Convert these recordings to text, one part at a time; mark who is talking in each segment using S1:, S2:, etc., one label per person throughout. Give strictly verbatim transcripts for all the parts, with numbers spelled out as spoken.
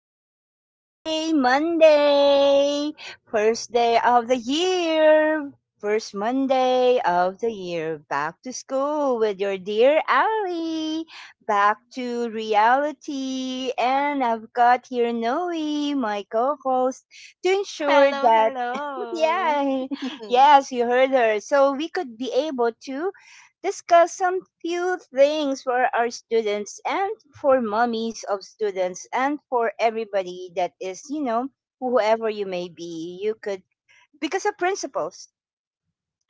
S1: First day, Monday! First day of the year! First Monday of the year. Back to school with your dear Ally. Back to reality. And I've got here Noe, my co host, to ensure
S2: Hello,
S1: that,
S2: hello.
S1: yeah, yes, you heard her. So we could be able to discuss some few things for our students and for mummies of students and for everybody that is, you know, whoever you may be. You could, because the principles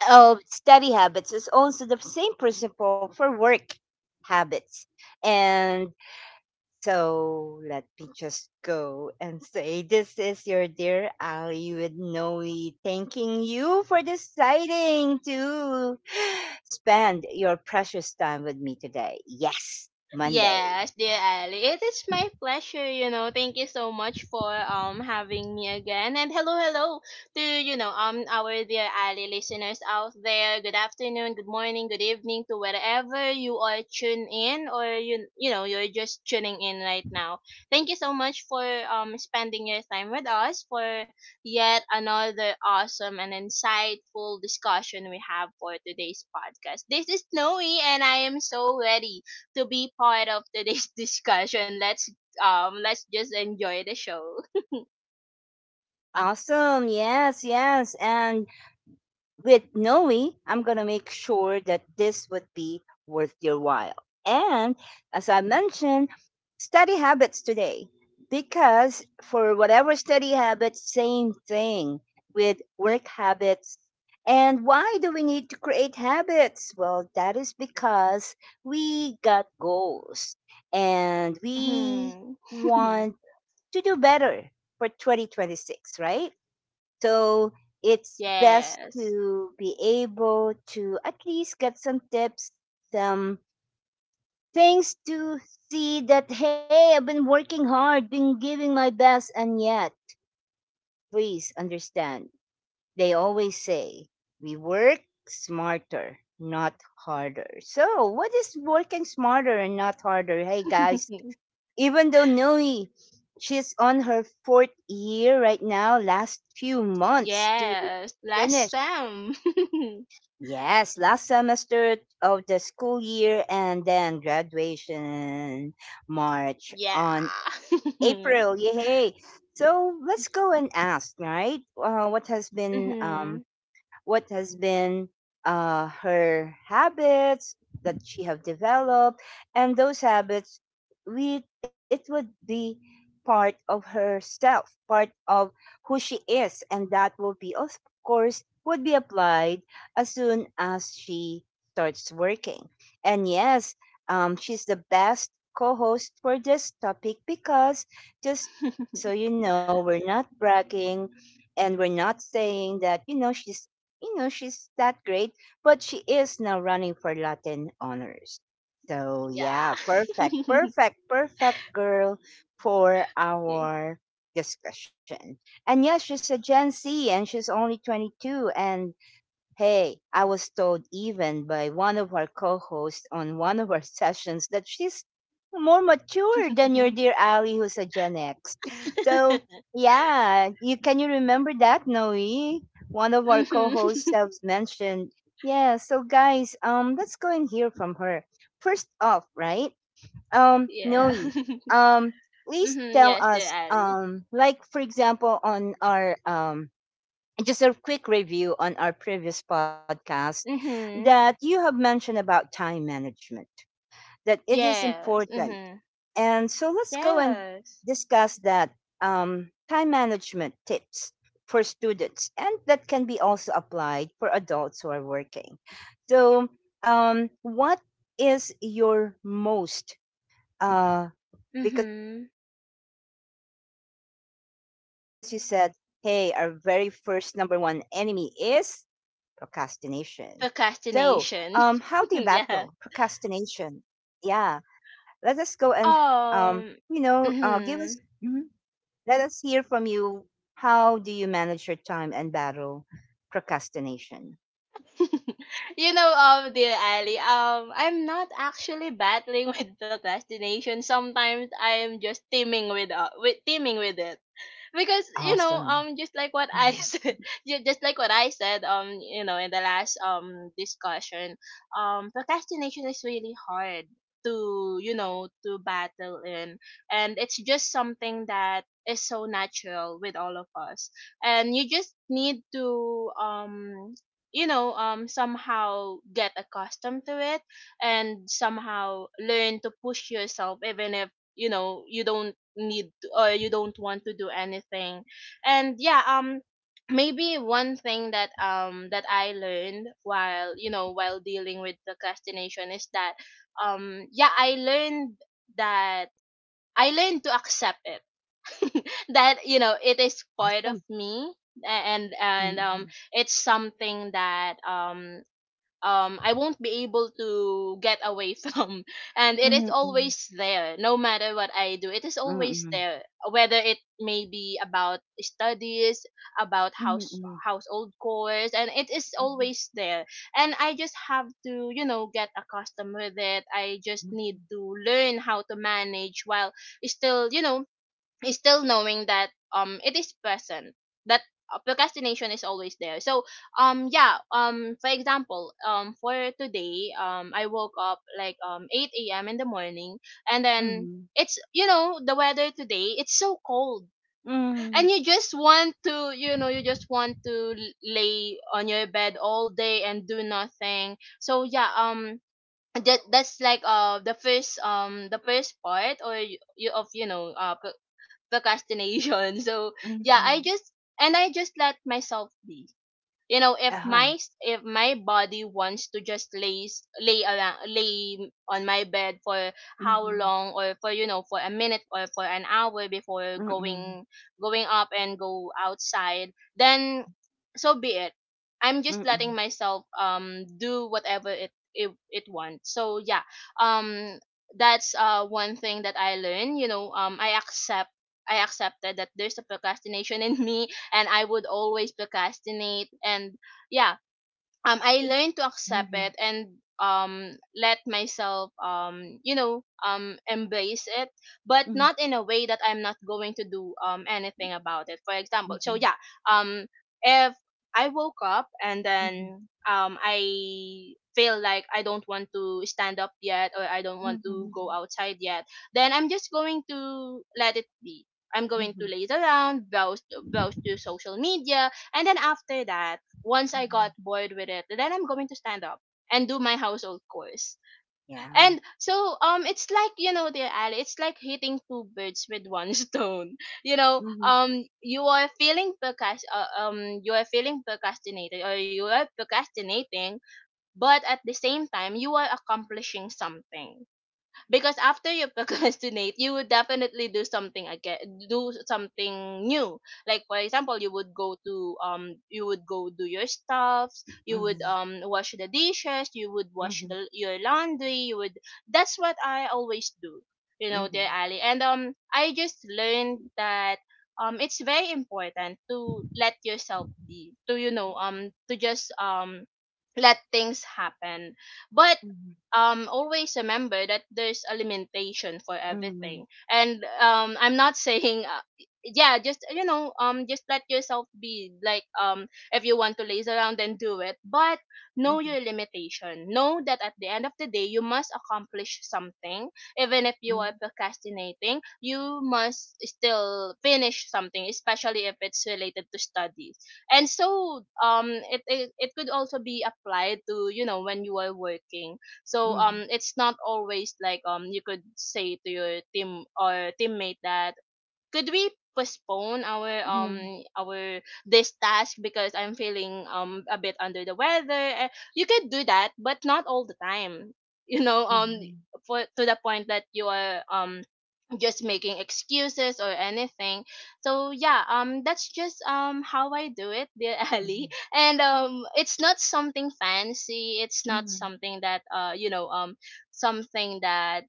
S1: of study habits is also the same principle for work habits. And so let me just go and say this is your dear Ali with Noe, thanking you for deciding to spend your precious time with me today. Yes, Monday.
S2: Yes, dear Ali, it is my pleasure. You know, thank you so much for um having me again, and hello, hello to you know um our dear Ali listeners out there. Good afternoon, good morning, good evening to wherever you are tuned in, or you you know you're just tuning in right now. Thank you so much for um spending your time with us for yet another awesome and insightful discussion we have for today's podcast. This is Snowy, and I am so ready to be part of today's discussion. Let's um let's just enjoy the show.
S1: Awesome. Yes, yes. And with Noe, I'm going to make sure that this would be worth your while. And as I mentioned, study habits today, because for whatever study habits, same thing with work habits. And why do we need to create habits? Well, that is because we got goals and we
S2: Mm-hmm.
S1: want to do better for twenty twenty-six, right? So it's best
S2: Yes.
S1: to be able to at least get some tips, some things to see that, hey, I've been working hard, been giving my best, and yet, please understand, they always say, we work smarter, not harder. So, what is working smarter and not harder? Hey, guys, even though Noe, she's on her fourth year right now, last few months to
S2: Yes. Last
S1: finish.
S2: time.
S1: Yes, last semester of the school year and then graduation March
S2: yeah.
S1: on April, yay! So let's go and ask, right? Uh, what has been
S2: Mm-hmm.
S1: um, what has been uh, her habits that she have developed, and those habits, we it would be part of herself, part of who she is, and that will be, of course, would be applied as soon as she starts working. And yes, um, she's the best co-host for this topic, because just so you know, we're not bragging, and we're not saying that you know she's you know, she's that great, but she is now running for Latin honors. So yeah,
S2: yeah.
S1: perfect, perfect, perfect girl for our discussion. And yes, she's a Gen Z and she's only twenty-two, and hey, I was told even by one of our co hosts on one of our sessions that she's more mature than your dear Ali, who's a Gen X. So, yeah, you can you remember that, Noe? One of our co
S2: Mhm.
S1: hosts selves mentioned. Yeah, so guys, um, let's go and hear from her. First off, right? Um,
S2: Yeah.
S1: Noe, um, please
S2: Mhm.
S1: tell
S2: Yes, the
S1: us,
S2: alley.
S1: um, like for example, on our um just a quick review on our previous podcast,
S2: Mm-hmm.
S1: that you have mentioned about time management, that it is
S2: Yes.
S1: important.
S2: Mm-hmm.
S1: And so let's go and
S2: Yes.
S1: discuss that, um, time management tips for students, and that can be also applied for adults who are working. So, um, what is your most, uh, because you
S2: Mhm.
S1: said, hey, our very first number one enemy is procrastination. So, um, how do you battle
S2: Procrastination.
S1: procrastination?
S2: Yeah.
S1: Yeah, let us go and, um, you know, uh, give us,
S2: Um.
S1: mhm. Let
S2: hmm
S1: us hear from you. How do you manage your time and battle procrastination?
S2: you know, um, dear Ali, um, I'm not actually battling with procrastination. Sometimes I'm just teaming with uh, with teaming with it. Because you
S1: Awesome.
S2: know um just like what
S1: Mhm.
S2: I said ju- just like what I said um you know in the last um discussion, um procrastination is really hard to you know to battle in, and it's just something that is so natural with all of us, and you just need to um you know um somehow get accustomed to it and somehow learn to push yourself even if you know you don't need or you don't want to do anything. And yeah um Maybe one thing that um that I learned while you know while dealing with procrastination is that, um yeah I learned that I learned to accept it that, you know, it
S1: Awesome.
S2: is part of me, a- and and
S1: Mm-hmm.
S2: um it's something that um um I won't be able to get away from, and it is
S1: Mm-hmm.
S2: always there. No matter what I do, it is always
S1: Mm-hmm.
S2: there, whether it may be about studies, about
S1: Mm-hmm. Mm-hmm.
S2: house
S1: Mm-hmm. Mm-hmm.
S2: household chores. And it is always there, and I just have to, you know, get accustomed with it. I just
S1: Mm-hmm.
S2: need to learn how to manage while still, you know, still knowing that um it is present, that uh, procrastination is always there. So um yeah um for example, um for today, um I woke up like um eight a.m in the morning, and then
S1: Mm-hmm.
S2: it's, you know, the weather today, it's so cold,
S1: Mm-hmm. Mm-hmm.
S2: and you just want to, you know, you just want to l- lay on your bed all day and do nothing. So yeah um that, that's like uh the first, um the first part or you of, you know, uh pro- procrastination. So yeah,
S1: Mm-hmm.
S2: i just and I just let myself be. You know, if
S1: Uh-huh.
S2: my s- if my body wants to just lay s- lay around, lay on my bed for how
S1: Mm-hmm.
S2: long, or for, you know, for a minute or for an hour before
S1: Mm, mm,
S2: going going up and go outside, then so be it. I'm just
S1: mhm,
S2: letting myself um do whatever it it, it wants. So yeah um that's uh one thing that I learned, you know. um i accept I accepted that there's a procrastination in me, and I would always procrastinate. And yeah um I learned to accept
S1: mhm,
S2: it and um let myself, um you know um embrace it, but
S1: mhm,
S2: not in a way that I'm not going to do um anything about it, for example. So yeah um if I woke up and
S1: mhm,
S2: then um I feel like I don't want to stand up yet, or I don't want to
S1: mhm,
S2: go outside yet, then I'm just going to let it be. I'm going to
S1: mhm,
S2: laze around, browse browse to social media, and then after that, once I got
S1: mhm.
S2: bored with it, then I'm going to stand up and do my household chores.
S1: Yeah.
S2: And so um it's like, you know, dear Ali, it's like hitting two birds with one stone. You know,
S1: Mhm,
S2: um you are feeling procrast- uh, um you are feeling procrastinated, or you are procrastinating, but at the same time you are accomplishing something, because after you procrastinate, you would definitely do something again, do something new. Like for example, you would go to um you would go do your stuffs, you would
S1: mhm,
S2: um wash the dishes, you would wash
S1: mhm,
S2: the, your laundry, you would, that's what I always do, you know, dear
S1: mhm,
S2: Ali. And um I just learned that um it's very important to let yourself be, to, you know, um to just um let things happen. But
S1: mhm, mhm,
S2: um, always remember that there's a limitation for
S1: mhm,
S2: everything. And um, I'm not saying, uh, yeah, just, you know, um, just let yourself be. Like um, if you want to laze around, then do it. But know
S1: mhm,
S2: your limitation. Know that at the end of the day, you must accomplish something. Even if
S1: mhm,
S2: you are procrastinating, you must still finish something, especially if it's related to studies. And so um it, it it could also be applied to, you know, when you are working. So
S1: mhm, mhm,
S2: um it's not always like, um you could say to your team or teammate that, could we postpone our um
S1: mhm,
S2: our this task because I'm feeling um a bit under the weather. Eh, you could do that, but not all the time. You know, um for to the point that you are um just making excuses or anything. So yeah, um that's just um how I do it, dear Ali. And um it's not something fancy. It's not
S1: mhm,
S2: something that uh you know um something that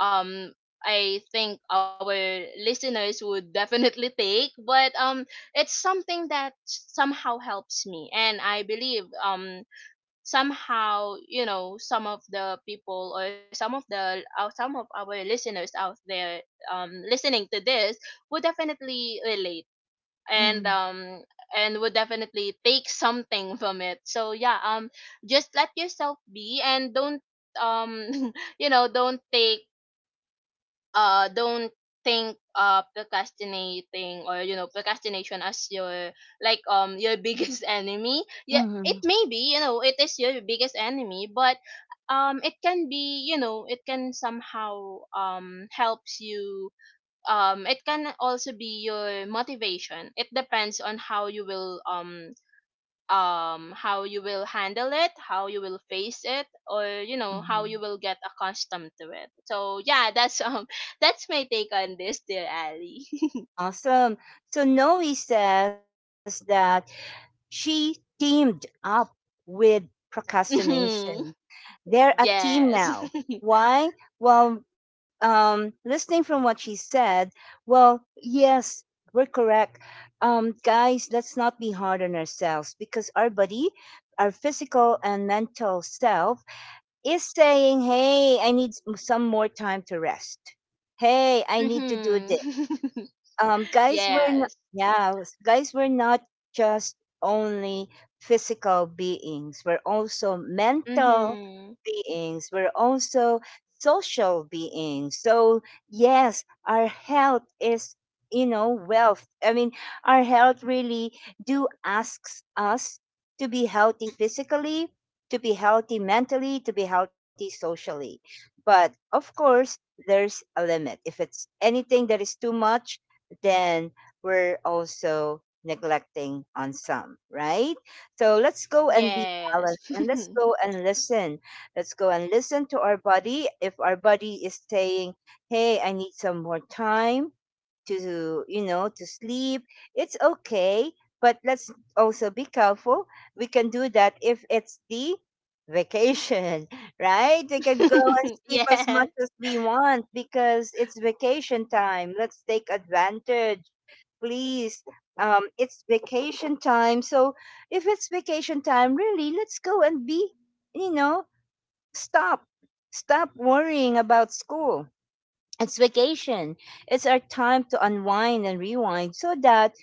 S2: um I think our listeners would definitely take, but um it's something that somehow helps me, and I believe um somehow, you know, some of the people, or some of the uh, some of our listeners out there um listening to this would definitely relate, and
S1: mhm,
S2: um and would definitely take something from it. So yeah um just let yourself be, and don't, um you know, don't take uh don't think uh procrastinating, or you know, procrastination as your, like, um your biggest enemy. Yeah, it
S1: mhm,
S2: may be, you know, it is your biggest enemy, but um it can be, you know, it can somehow um helps you. Um it can also be your motivation. It depends on how you will um um how you will handle it, how you will face it, or you know, how you
S1: mhm.
S2: will get accustomed to it. So yeah, that's um that's my take on this, dear Ali.
S1: Awesome. So Noe says that she teamed up with procrastination.
S2: Mhm.
S1: They're a team
S2: Yes.
S1: now. Why? Well, um, listening from what she said, well, yes, we're correct. Um, guys, let's not be hard on ourselves, because our body, our physical and mental self, is saying, hey, I need s- some more time to rest. Hey, I need to do
S2: hmm
S1: this. Um, guys were not,
S2: Yes.
S1: Yeah, was- guys were not just only physical beings. We're also mental
S2: hmm
S1: beings. We're also social beings. So yes, our health is you know wealth. I mean, our health really do asks us to be healthy physically, to be healthy mentally, to be healthy socially. But of course, there's a limit. If it's anything that is too much, then we're also neglecting on some, right? So let's go and be
S2: Yes.
S1: balanced, and let's go and listen. Let's go and listen to our body. If our body is saying, hey, I need some more time to you know to sleep, it's okay, but let's also be careful. We can do that if it's the vacation, right? We can go and sleep as much
S2: Yes.
S1: as we want because it's vacation time. Let's take advantage, please. Um it's vacation time. So if it's vacation time, really, let's go and be you know stop stop worrying about school. It's vacation. It's our time to unwind and rewind, so that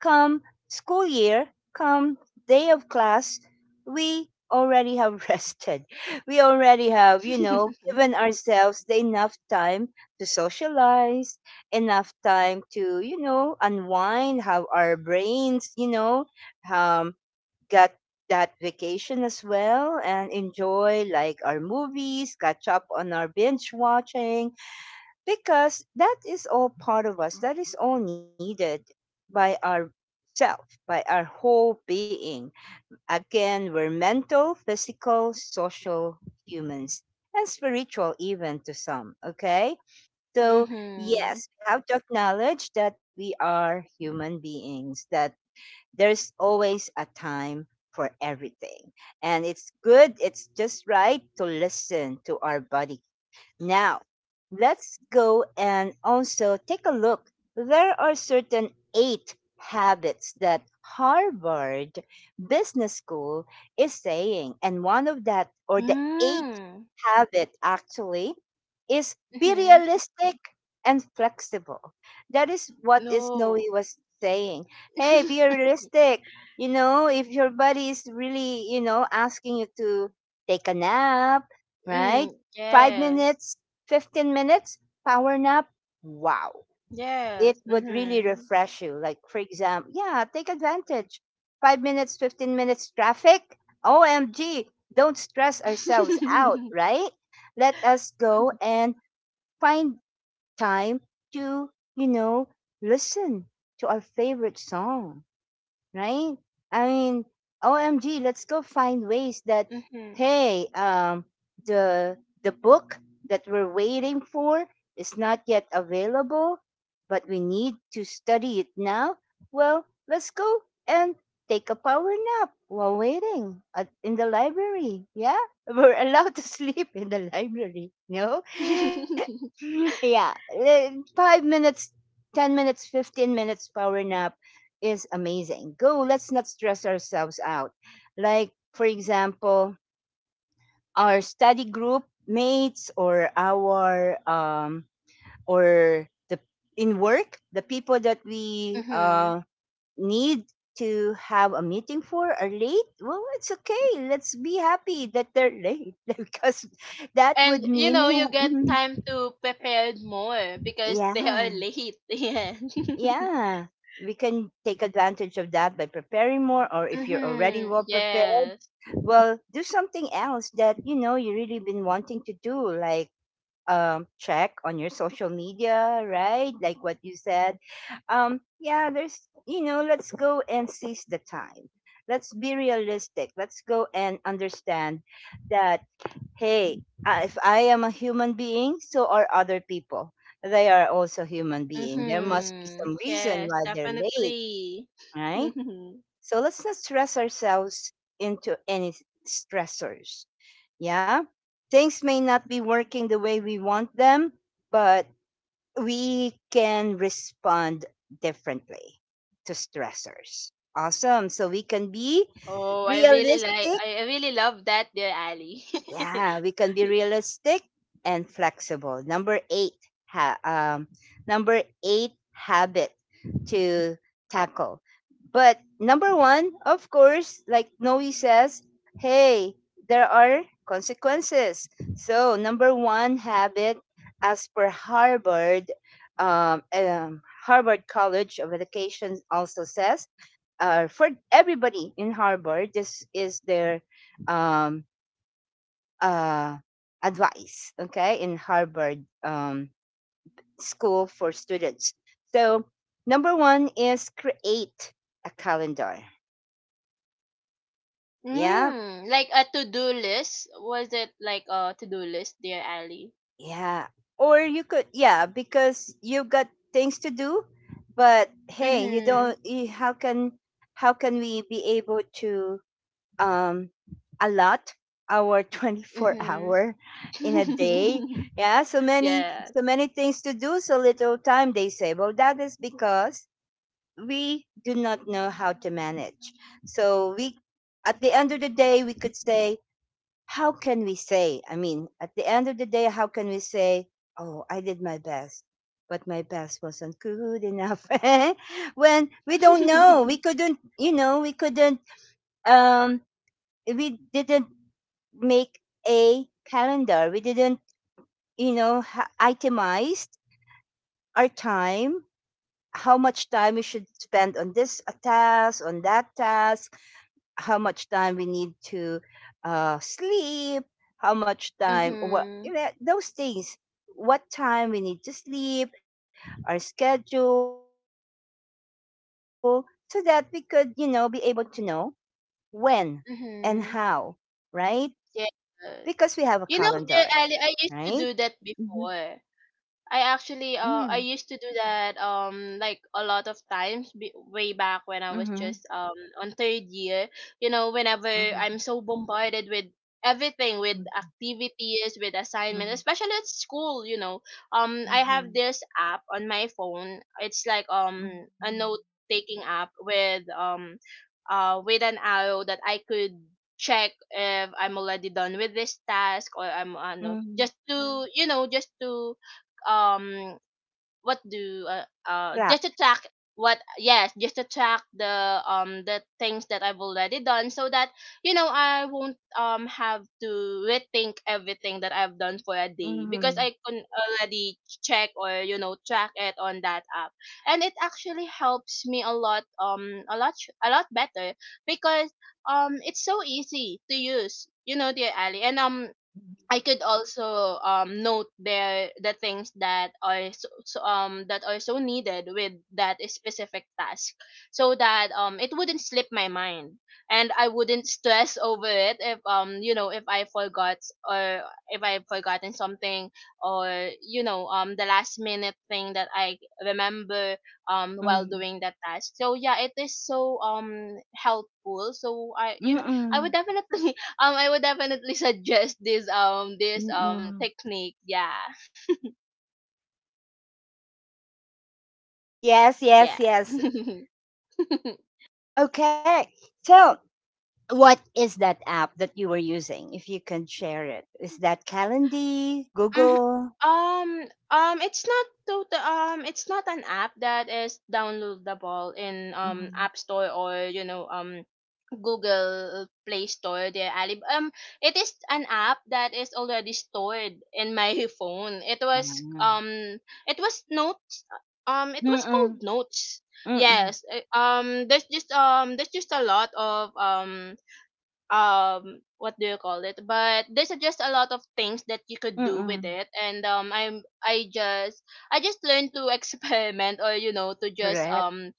S1: come school year, come day of class, we already have rested. We already have, you know, given ourselves the enough time to socialize, enough time to, you know, unwind, have our brains, you know, um, got that vacation as well, and enjoy like our movies, catch up on our binge watching, because that is all part of us, that is all needed by our self, by our whole being. Again, we're mental, physical, social humans, and spiritual, even to some, okay? So
S2: hmm
S1: yes, we have to acknowledge that we are human beings, that there's always a time for everything, and it's good, it's just right to listen to our body. Now, let's go and also take a look. There are certain eight habits that Harvard Business School is saying. And one of that, or the eighth
S2: Mm.
S1: habit actually, is be
S2: hmm
S1: realistic and flexible. That is what is Noe
S2: No.
S1: was saying. Hey, be realistic. You know, if your body is really, you know, asking you to take a nap, right?
S2: Mm.
S1: five
S2: Yes.
S1: minutes, fifteen minutes, power nap. Wow. It
S2: Yes.
S1: would really
S2: hmm
S1: refresh you. Like, for example, yeah, take advantage. Five minutes, fifteen minutes traffic. O M G. Don't stress ourselves out, right? Let us go and find time to, you know, listen to our favorite song, right? I mean, O M G, let's go find ways that,
S2: Mhm.
S1: hey, um, the the book that we're waiting for is not yet available, but we need to study it now. Well, let's go and take a power nap while waiting at, in the library. Yeah, we're allowed to sleep in the library. No, yeah, eh, five minutes, ten minutes, fifteen minutes power nap is amazing. Go, let's not stress ourselves out. Like, for example, our study group mates, or our, um, or the in work, the people that we
S2: Mhm.
S1: uh, need to have a meeting for, are late. Well, it's okay. Let's be happy that they're late, because that would
S2: And you
S1: mean,
S2: know, you get
S1: mhm,
S2: time to prepare more because they
S1: yeah,
S2: are late. Yeah.
S1: yeah, we can take advantage of that by preparing more, or if you're already
S2: Mhm.
S1: well prepared,
S2: Yes.
S1: well, do something else that you know you really been wanting to do, like um check on your social media, right? Like what you said. Um yeah, there's, you know let's go and seize the time. Let's be realistic. Let's go and understand that, hey, uh, if I am a human being, so are other people. They are also human being, there must be
S2: Mhm.
S1: some reason
S2: Yes,
S1: why they're late,
S2: definitely.
S1: right?
S2: Mhm.
S1: So let's not stress ourselves into any s- stressors. Yeah. Things may not be working the way we want them, but we can respond differently to stressors. Awesome. So we can be
S2: Oh, I really like
S1: realistic,
S2: I I really love that, dear Ali.
S1: yeah, we can be realistic and flexible. Number eight, ha- um, number eight habit to tackle. But number one, of course, like Noe says, hey, there are consequences. So number one habit, as per Harvard, um, um, Harvard College of Education also says, uh, for everybody in Harvard, this is their um, uh, advice, okay, in Harvard um, School for Students. So, number one is create a calendar. Yeah,
S2: Mm, like a to-do list. Was it like a to-do list, dear Ali?
S1: yeah. Or you could, yeah, because you've got things to do, but hey, you
S2: Mhm.
S1: don't. You, how can how can we be able to um, a lot our twenty-four
S2: Mhm.
S1: hour in a day? Yeah, so many,
S2: Yes.
S1: so many things to do, so little time, they say. Well, that is because we do not know how to manage, so we at the end of the day we could say, how can we say, I mean, at the end of the day, how can we say, oh, I did my best, but my best wasn't good enough. When we don't know, we couldn't you know we couldn't um we didn't make a calendar. We didn't, you know, ha- itemized our time, how much time we should spend on this uh, task, on that task, how much time we need to uh, sleep, how much time, what you
S2: Mhm.
S1: know, those things, what time we need to sleep, our schedule, so that we could, you know, be able to know when and how, right?
S2: Mhm.
S1: Because we have a
S2: Yes.
S1: calendar,
S2: You know,
S1: right?
S2: the, I, I used
S1: Mhm.
S2: to do that before. I
S1: Mm.
S2: actually uh I used to do that um like a lot of times, b- way back
S1: Mhm.
S2: when I was just um on third year. You know,
S1: Mhm.
S2: whenever I'm so bombarded with everything,
S1: Mhm.
S2: with activities, with
S1: Mhm.
S2: assignments, especially at school, you know, um I
S1: Mhm.
S2: have this app on my phone. It's like
S1: Mhm.
S2: um a note taking app with um uh with an arrow that I could check if I'm already done with this task, or
S1: Mhm.
S2: I'm uh, no, just to, you know, just to um what do uh,
S1: Black.
S2: uh just to track what yes, just to track the um the things that I've already done, so that, you know, I won't um have to rethink everything that I've done for a day,
S1: Mhm.
S2: because I can already check, or you know, track it on that app. And it actually helps me a lot, um a lot a lot better, because um it's so easy to use, you know, dear Ali. And um I could also um, note the the things that are so, so, um that are so needed with that specific task, so that um it wouldn't slip my mind, and I wouldn't stress over it if, um you know, if I forgot, or if I've forgotten something, or you know, um the last minute thing that I remember um while
S1: Mhm.
S2: doing that task. So yeah, it is so um helpful. So I, you know, I would
S1: Mm-mm.
S2: definitely um, I would definitely suggest this um this um
S1: Mm-mm.
S2: technique. Yeah.
S1: Yes,
S2: Yes.
S1: yes, yes. Okay. So, what is that app that you were using? If you can share it, is that Calendly,
S2: Mhm.
S1: Google?
S2: Um, um, it's not total. Um, it's not an app that is downloadable in um
S1: Mm-hmm.
S2: App Store, or you know, um Google uh, Play Store there, Alib. Um, it is an app that is already stored in my phone. It was
S1: Mm-mm.
S2: um, it was notes. Um, it was
S1: Mm-mm.
S2: called Notes.
S1: Mm-mm.
S2: Yes. uh, Um, there's just um, there's just a lot of um, um, what do you call it? But there's just a lot of things that you could do with
S1: Mm-mm.
S2: it, and um, I'm I just I just learned to experiment or you know to just
S1: Correct.
S2: um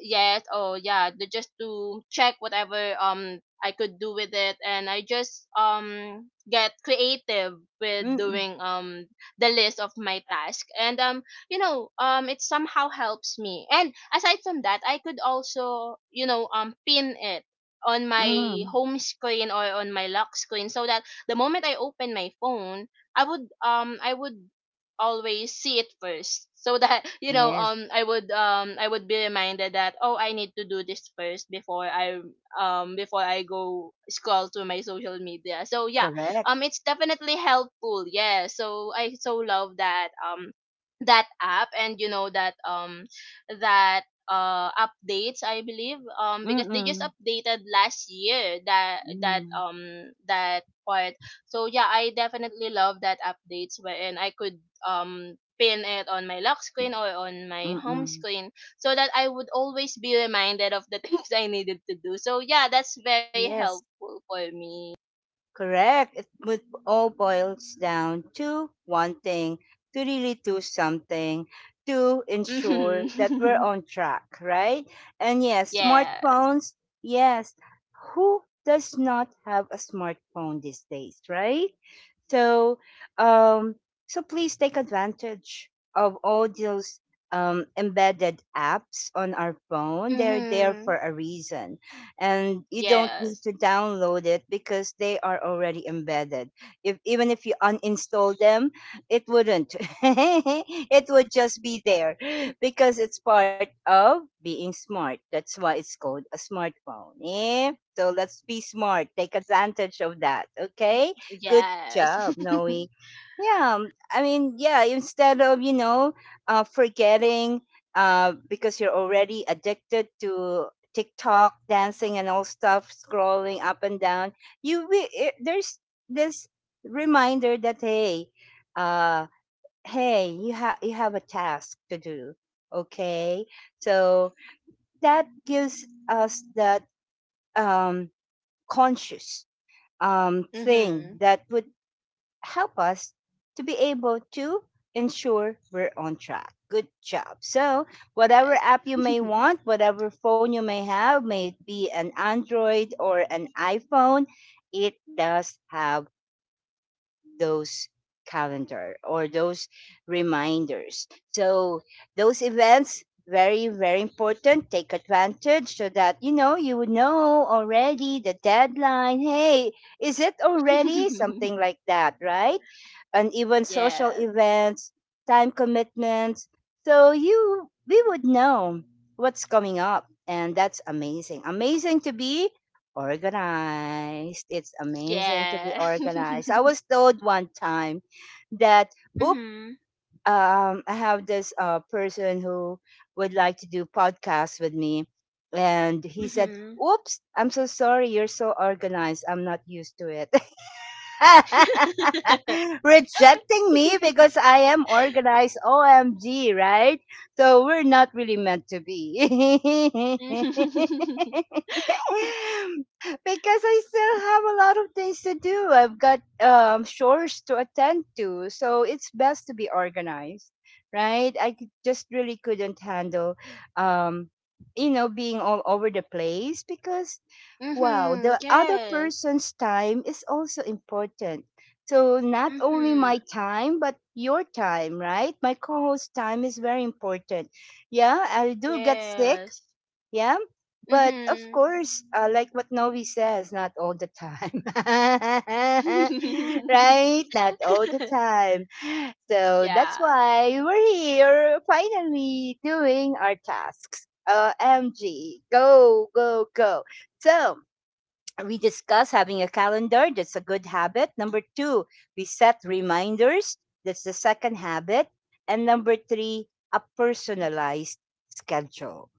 S2: yes oh yeah the, just to check whatever um I could do with it, and I just um get creative with
S1: Mm-mm.
S2: doing um the list of my task. And um you know um it somehow helps me. And aside from that, I could also, you know, um pin it on my
S1: Mm.
S2: home screen or on my lock screen, so that the moment I open my phone, i would um I would always see it first, so that you know
S1: Yes,
S2: um i would um I would be reminded that, oh, I need to do this first before i um before I go scroll to my social media. So yeah,
S1: correct.
S2: um it's definitely helpful. Yeah, so I so love that um that app. And you know that um that uh updates, I believe, um because they just
S1: Mm-mm.
S2: updated last year that that
S1: Mm.
S2: um that part. So yeah, I definitely love that updates wherein I could um pin it on my lock screen or on my home
S1: Mm-mm.
S2: screen, so that I would always be reminded of the things I needed to do. So yeah, that's very
S1: Yes,
S2: helpful for me.
S1: correct. It would all boils down to one thing to really do something to ensure that we're
S2: Mm-hmm.
S1: on track, right? And yes,
S2: Yes.
S1: smartphones, yes. Who does not have a smartphone these days, right? So, um, so please take advantage of all those um, embedded apps on our phone. They're there
S2: Mm-hmm.
S1: for a reason, and you don't need
S2: Yes.
S1: to download it because they are already embedded. If even if you uninstall them, it wouldn't. It would just be there because it's part of being smart. That's why it's called a smartphone. Eh? So let's be smart. Take advantage of that. Okay, good
S2: Yes.
S1: job, Noe. Yeah, um, I mean, yeah, instead of, you know, uh, forgetting uh, because you're already addicted to TikTok, dancing and all stuff, scrolling up and down, you wi- it, there's this reminder that, hey, uh, hey, you, ha- you have a task to do, okay? So that gives us that um, conscious um, thing
S2: Mm-hmm.
S1: that would help us to be able to ensure we're on track. Good job. So, whatever
S2: Yes.
S1: app you may want, whatever phone you may have, may it be an Android or an iPhone, it does have those calendar or those reminders. So those events, very very important, take advantage so that you know you would know already the deadline, hey, is it already, something like that, right? And even social
S2: Yes.
S1: events, time commitments, so you, we would know what's coming up, and that's amazing, amazing to be organized. It's amazing to be
S2: Yeah.
S1: organized. I was told one time that, oop,
S2: Mm-hmm.
S1: um, I have this uh, person who would like to do podcasts with me. And he said,
S2: Mm-hmm.
S1: oops, I'm so sorry. You're so organized. I'm not used to it. Rejecting me because I am organized. O M G, right? So we're not really meant to be. Because
S2: Mm-hmm.
S1: I still have a lot of things to do. I've got um, chores to attend to. So it's best to be organized, right? I c- just really couldn't handle, um, you know, being all over the place because wow,
S2: Mm-hmm.
S1: the other
S2: Yes.
S1: person's time is also important. So, not only
S2: Mm-hmm.
S1: my time, but your time, right? My co host's time is very important. Yeah, I do get sick.
S2: Yes.
S1: Yeah. But of
S2: Mm-hmm.
S1: course, uh, like what Novi says, not all the time. Right? Not all the time. So that's
S2: Yeah.
S1: why we're here finally doing our tasks. Uh, M G, go, go, go. So, we discuss having a calendar. That's a good habit. Number two, we set reminders. That's the second habit. And number three, a personalized schedule,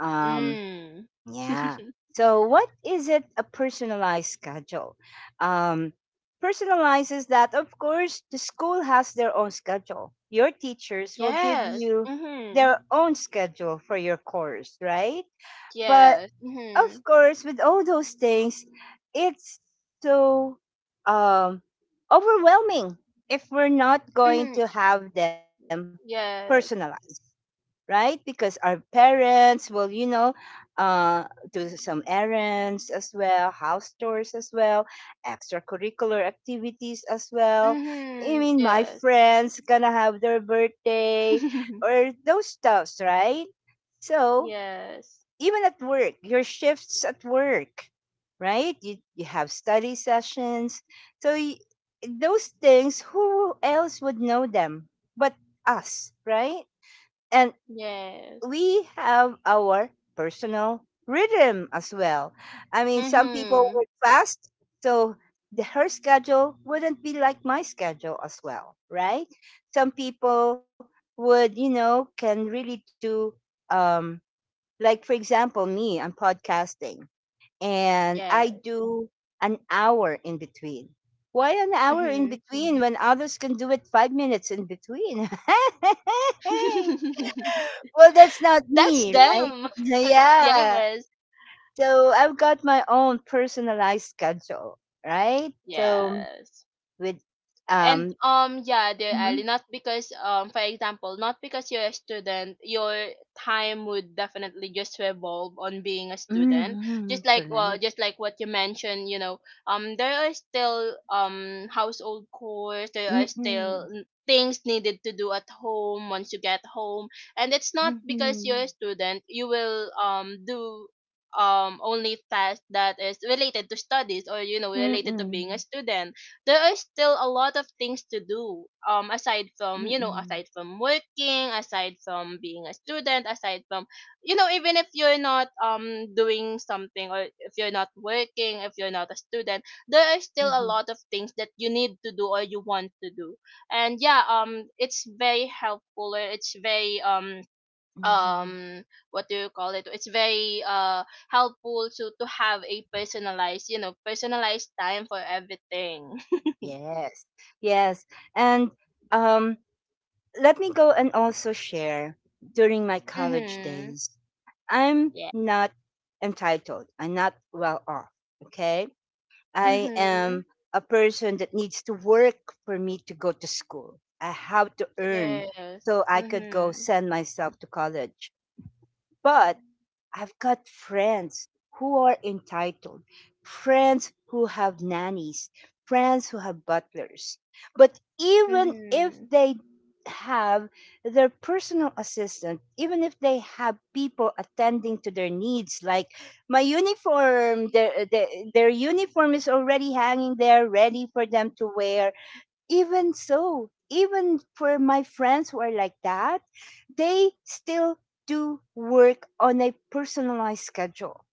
S1: um
S2: Mm.
S1: yeah. So what is it, a personalized schedule? um personalizes that, of course, the school has their own schedule. Your teachers will give
S2: Yes.
S1: you
S2: Mm-hmm.
S1: their own schedule for your course, right? But
S2: Yes.
S1: of
S2: Mm-hmm.
S1: course, with all those things, it's so um, overwhelming if we're not going
S2: Mm-hmm.
S1: to have them personalized,
S2: Yes.
S1: right? Because our parents will, you know, uh, do some errands as well, house chores as well, extracurricular activities as well. I
S2: Mm-hmm.
S1: mean, my
S2: Yes.
S1: friends gonna have their birthday or those stuffs, right? So
S2: Yes.
S1: even at work, your shifts at work, right? You, you have study sessions. So y- those things, who else would know them but us, right? And
S2: Yes.
S1: we have our personal rhythm as well. I mean, some people
S2: Mm-hmm.
S1: work fast, so the, her schedule wouldn't be like my schedule as well, right? Some people would, you know, can really do um, like, for example, me, I'm podcasting and I
S2: Yes.
S1: do an hour in between. Why an hour in
S2: Mm-hmm.
S1: between when others can do it five minutes in between? Well, that's not
S2: That's
S1: me, right?
S2: them.
S1: Yeah.
S2: Yes.
S1: So I've got my own personalized schedule, right? So
S2: Yes.
S1: with
S2: And
S1: um,
S2: um yeah,
S1: mhm,
S2: dear Ali, not because, um for example, not because you're a student, your time would definitely just revolve on being a student. Just
S1: mhm,
S2: like, well,
S1: correct.
S2: just like what you mentioned, you know, um there are still um household chores, there are still
S1: Mm-mm,
S2: n- things needed to do at home once you get home. And it's not because
S1: mm-mm,
S2: you're a student you will um do um only tasks that is related to studies, or you know, related to being
S1: mm-mm,
S2: a student. There are still a lot of things to do, um aside from, you know,
S1: mm-mm,
S2: aside from working, aside from being a student, aside from, you know, even if you're not um doing something, or if you're not working, if you're not a student, there are still a
S1: mm-mm,
S2: lot of things that you need to do or you want to do. And yeah, um it's very helpful, or it's very um
S1: mm-mm,
S2: um what do you call it, it's very uh helpful to to have a personalized, you know, personalized time for everything.
S1: yes, yes. And um, let me go and also share, during my college
S2: Mhm.
S1: days, I'm
S2: Yeah.
S1: not entitled. I'm not well off. Okay. I
S2: Mhm.
S1: am a person that needs to work for me to go to school. I have to earn
S2: Yes.
S1: so I could go
S2: Mhm.
S1: send myself to college. But I've got friends who are entitled, friends who have nannies, friends who have butlers. But even if
S2: Mhm.
S1: they have their personal assistant, even if they have people attending to their needs, like my uniform, their, their, their uniform is already hanging there, ready for them to wear. Even so, even for my friends who are like that, they still do work on a personalized schedule.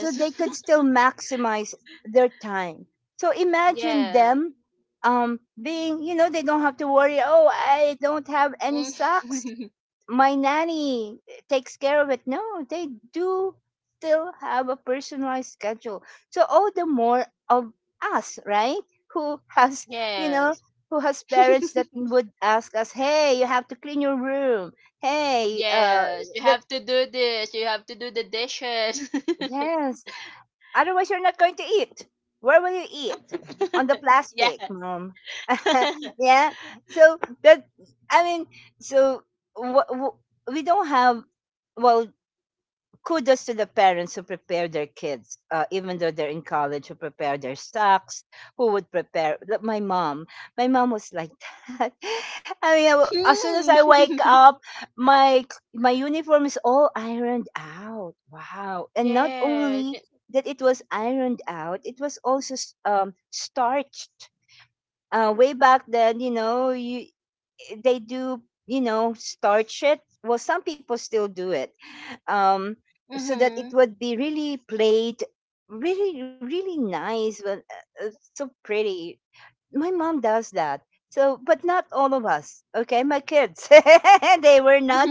S1: So they could still maximize their time. So imagine
S2: Yes.
S1: them um, being, you know, they don't have to worry, oh, I don't have any socks,
S2: Mm.
S1: my nanny takes care of it. No, they do still have a personalized schedule. So all the more of us, right? Who has, you know,
S2: Yes.
S1: who has parents that would ask us, "Hey, you have to clean your room. Hey, uh,
S2: Yes. You
S1: that,
S2: have to do this. You have to do the dishes.
S1: yes, otherwise you're not going to eat. Where will you eat? On the
S2: Yeah.
S1: plastic, mom." Yeah. So that, I mean, so wh- wh- we don't have, well, kudos to the parents who prepare their kids, uh, even though they're in college, who prepare their stocks, who would prepare. Like my mom, my mom was like that. I mean, I w- as soon as
S2: Hmm.
S1: I wake up, my my uniform is all ironed out. Wow! And not
S2: Yeah.
S1: only that, it was ironed out; it was also s- um, starched. Uh, way back then, you know, you they do, you know, starch it. Well, some people still do it, um, so that it
S2: Mhm.
S1: would be really played, really, really nice, but uh, uh, so pretty. My mom does that. So, but not all of us. Okay, my kids, they were not.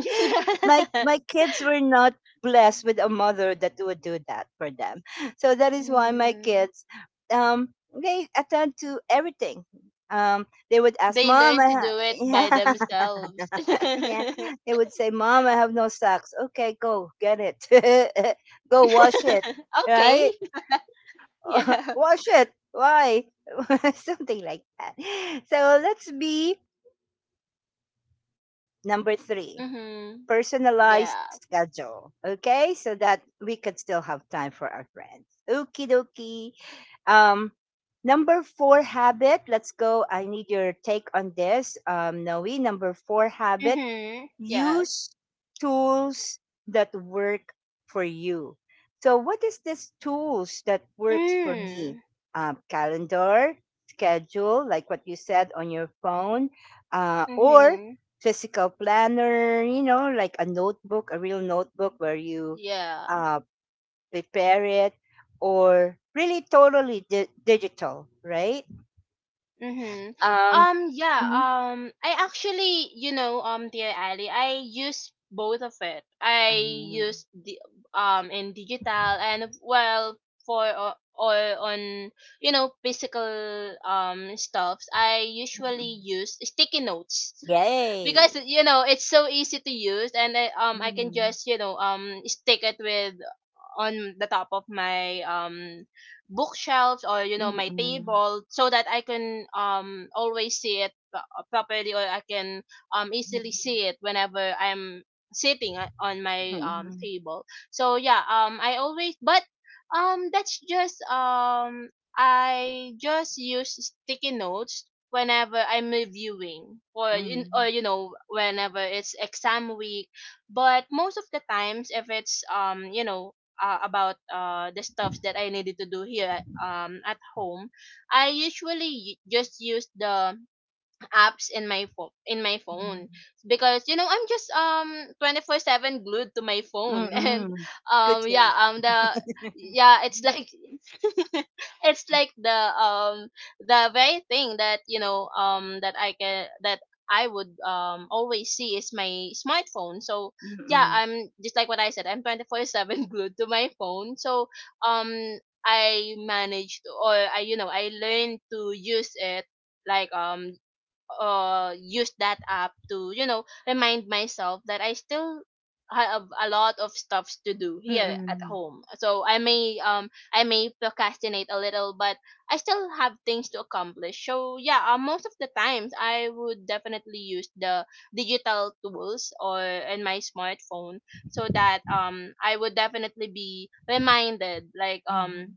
S1: My my kids were not blessed with a mother that would do that for them. So that is why my
S2: Mm.
S1: kids, um, they attend to everything. Um, they would ask
S2: They
S1: mom,
S2: learn
S1: I
S2: to do it by
S1: ha-
S2: themselves.
S1: yeah, they would say, "Mom, I have no socks." Okay, go get it. Go wash it,
S2: Okay.
S1: right?
S2: Yeah.
S1: Wash it. Why? Something like that. So let's be number three:
S2: Mhm.
S1: personalized
S2: Yeah.
S1: schedule. Okay, so that we could still have time for our friends. Okie dokie. Um, number four habit. Let's go. I need your take on this, um, Noe. Number four habit:
S2: Mhm. Yes.
S1: use tools that work for you. So what is this tools that works for me?
S2: Mm.
S1: Um, calendar, schedule, like what you said on your phone, uh, or
S2: Mhm.
S1: physical planner, you know, like a notebook, a real notebook where you
S2: Yeah.
S1: uh, prepare it, or really totally di- digital, right?
S2: Mhm.
S1: Um,
S2: Um yeah,
S1: mhm.
S2: um I actually, you know, um dear Ali, I use both of it. I
S1: Ah, mhm.
S2: use the um in digital, and well, for uh, or on you know, physical um stuffs I usually use sticky notes, because
S1: Yay!
S2: you know it's so easy to use. And I, um I can
S1: Mm-hmm.
S2: just, you know, um stick it with on the top of my um bookshelves, or you know,
S1: Mm,
S2: my
S1: mhm,
S2: table, so that I can um always see it pro- properly, or I can um easily see it whenever I'm sitting o- on my um
S1: mm,
S2: table. So yeah, um I always but um that's just um I just use sticky notes whenever I'm reviewing, or in
S1: mm,
S2: or you know, whenever it's exam week. But most of the times, if it's um you know, uh, about uh the stuffs that I needed to do here um at home, I usually y- just use the apps in my phone in my phone because you know I'm just um twenty-four seven glued to my phone.
S1: mm,
S2: And
S1: mm. Good
S2: um
S1: job.
S2: yeah, um the yeah, it's like it's like the um the very thing that, you know, um that I can that I would um always see is my smartphone. So yeah,
S1: Mm,
S2: I'm just like what I said, I'm twenty-four seven glued to my phone. So um I managed to- or I, you know, I learned to use it like um uh use that app to, you know, remind myself that I still have a lot of stuffs to do here at
S1: mm,
S2: home. So I may um I may procrastinate a little, but I still have things to accomplish. So yeah, uh, most of the times I would definitely use the digital tools or in my smartphone, so that um I would definitely be reminded, like,
S1: mhm,
S2: um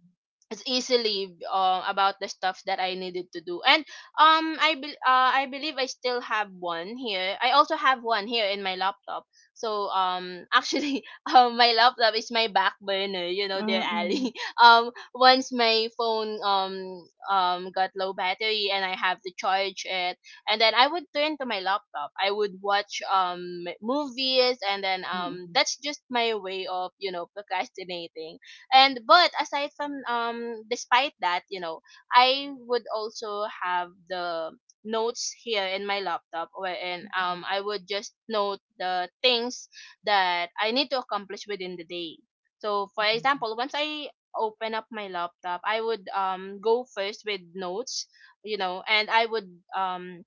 S2: it's easily uh, about the stuff that I needed to do. And um, I be uh, I believe I still have one here. I also have one here in my laptop. So um, actually, um, my laptop is my back burner, you know,
S1: mm,
S2: dear
S1: mm,
S2: Ali. Um, once my phone um um got low battery and I have to charge it, and then I would turn to my laptop. I would watch um movies, and then um
S1: mhm,
S2: that's just my way of, you know, procrastinating. And but aside from um despite that, you know, I would also have the notes here in my laptop, wherein um I would just note the things that I need to accomplish within the day. So for example, once I open up my laptop, I would um go first with notes, you know, and I would um